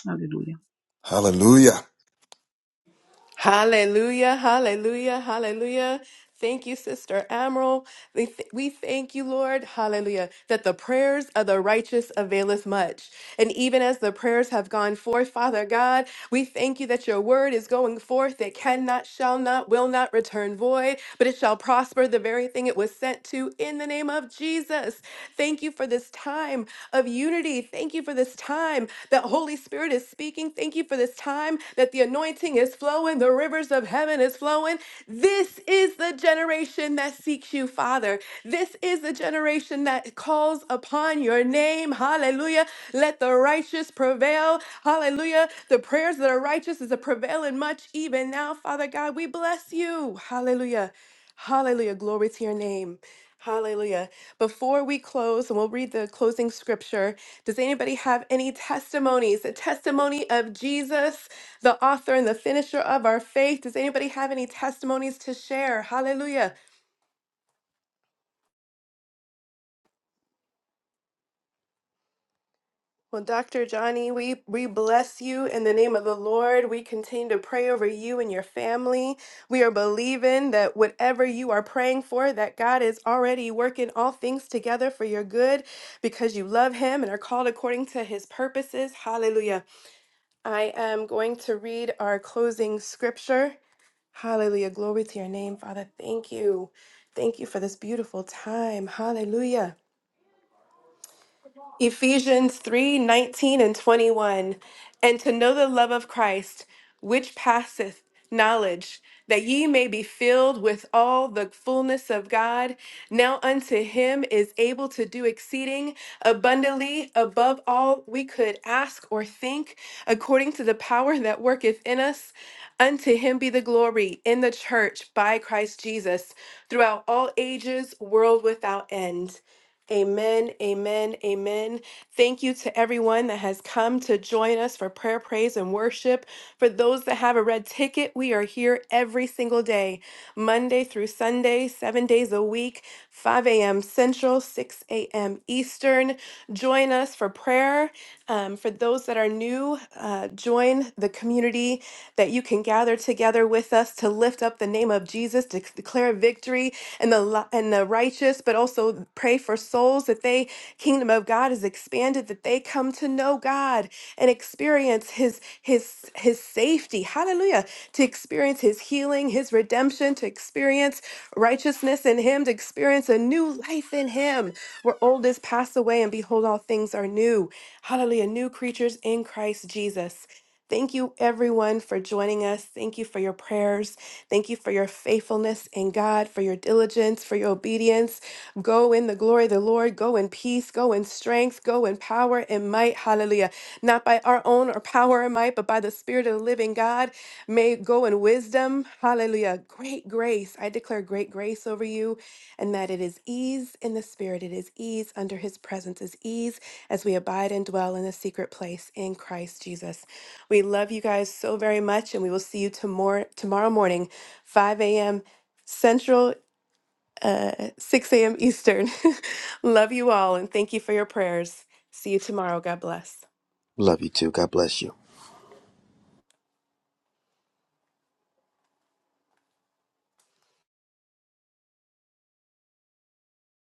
H: Hallelujah.
F: Hallelujah.
C: Hallelujah, hallelujah, hallelujah. Thank you, Sister Admiral. We th- we thank you, Lord, hallelujah, that the prayers of the righteous availeth much. And even as the prayers have gone forth, Father God, we thank you that your word is going forth. It cannot, shall not, will not return void, but it shall prosper the very thing it was sent to in the name of Jesus. Thank you for this time of unity. Thank you for this this time that Holy Spirit is speaking. Thank you for this time that the anointing is flowing, the rivers of heaven is flowing. This is the generation that seeks you, Father. This is the generation that calls upon your name. Hallelujah. Let the righteous prevail. Hallelujah. The prayers that are righteous is a prevailing much even now, Father God. We bless you. Hallelujah. Hallelujah. Glory to your name. Hallelujah. Before we close, and we'll read the closing scripture, does anybody have any testimonies? The testimony of Jesus, the author and the finisher of our faith. Does anybody have any testimonies to share? Hallelujah. Well, Dr. Johnny, we, we bless you in the name of the Lord. We continue to pray over you and your family. We are believing that whatever you are praying for, that God is already working all things together for your good because you love him and are called according to his purposes. Hallelujah. I am going to read our closing scripture. Hallelujah. Glory to your name, Father. Thank you. Thank you for this beautiful time. Hallelujah. Ephesians 3 19 and 21. And to know the love of Christ, which passeth knowledge, that ye may be filled with all the fullness of God. Now unto him is able to do exceeding abundantly above all we could ask or think, according to the power that worketh in us. Unto him be the glory in the church by Christ Jesus throughout all ages, world without end. Amen, amen, amen. Thank you to everyone that has come to join us for prayer, praise, and worship. For those that have a red ticket, we are here every single day, Monday through Sunday, seven days a week, 5 a.m. Central, 6 a.m. Eastern. Join us for prayer. Um, for those that are new, uh, join the community that you can gather together with us to lift up the name of Jesus, to declare victory, and the li- and the righteous, but also pray for souls that they kingdom of God is expanded, that they come to know God and experience his his his safety. Hallelujah. To experience his healing, his redemption, to experience righteousness in him, to experience a new life in him, where old is passed away and behold all things are new. Hallelujah. New creatures in Christ Jesus. Thank you, everyone, for joining us. Thank you for your prayers. Thank you for your faithfulness in God, for your diligence, for your obedience. Go in the glory of the Lord. Go in peace. Go in strength. Go in power and might. Hallelujah. Not by our own or power and might, but by the Spirit of the living living God may go in wisdom. Hallelujah. Great grace. I declare great grace over you and that it is ease in the spirit. It is ease under his presence, is ease as we abide and dwell in the secret place in Christ Jesus. We love you guys so very much and we will see you tomorrow, tomorrow morning, 5 a.m. Central, uh, 6 a.m. Eastern. love you all and thank you for your prayers. See you tomorrow. God bless.
G: Love you too. God bless you.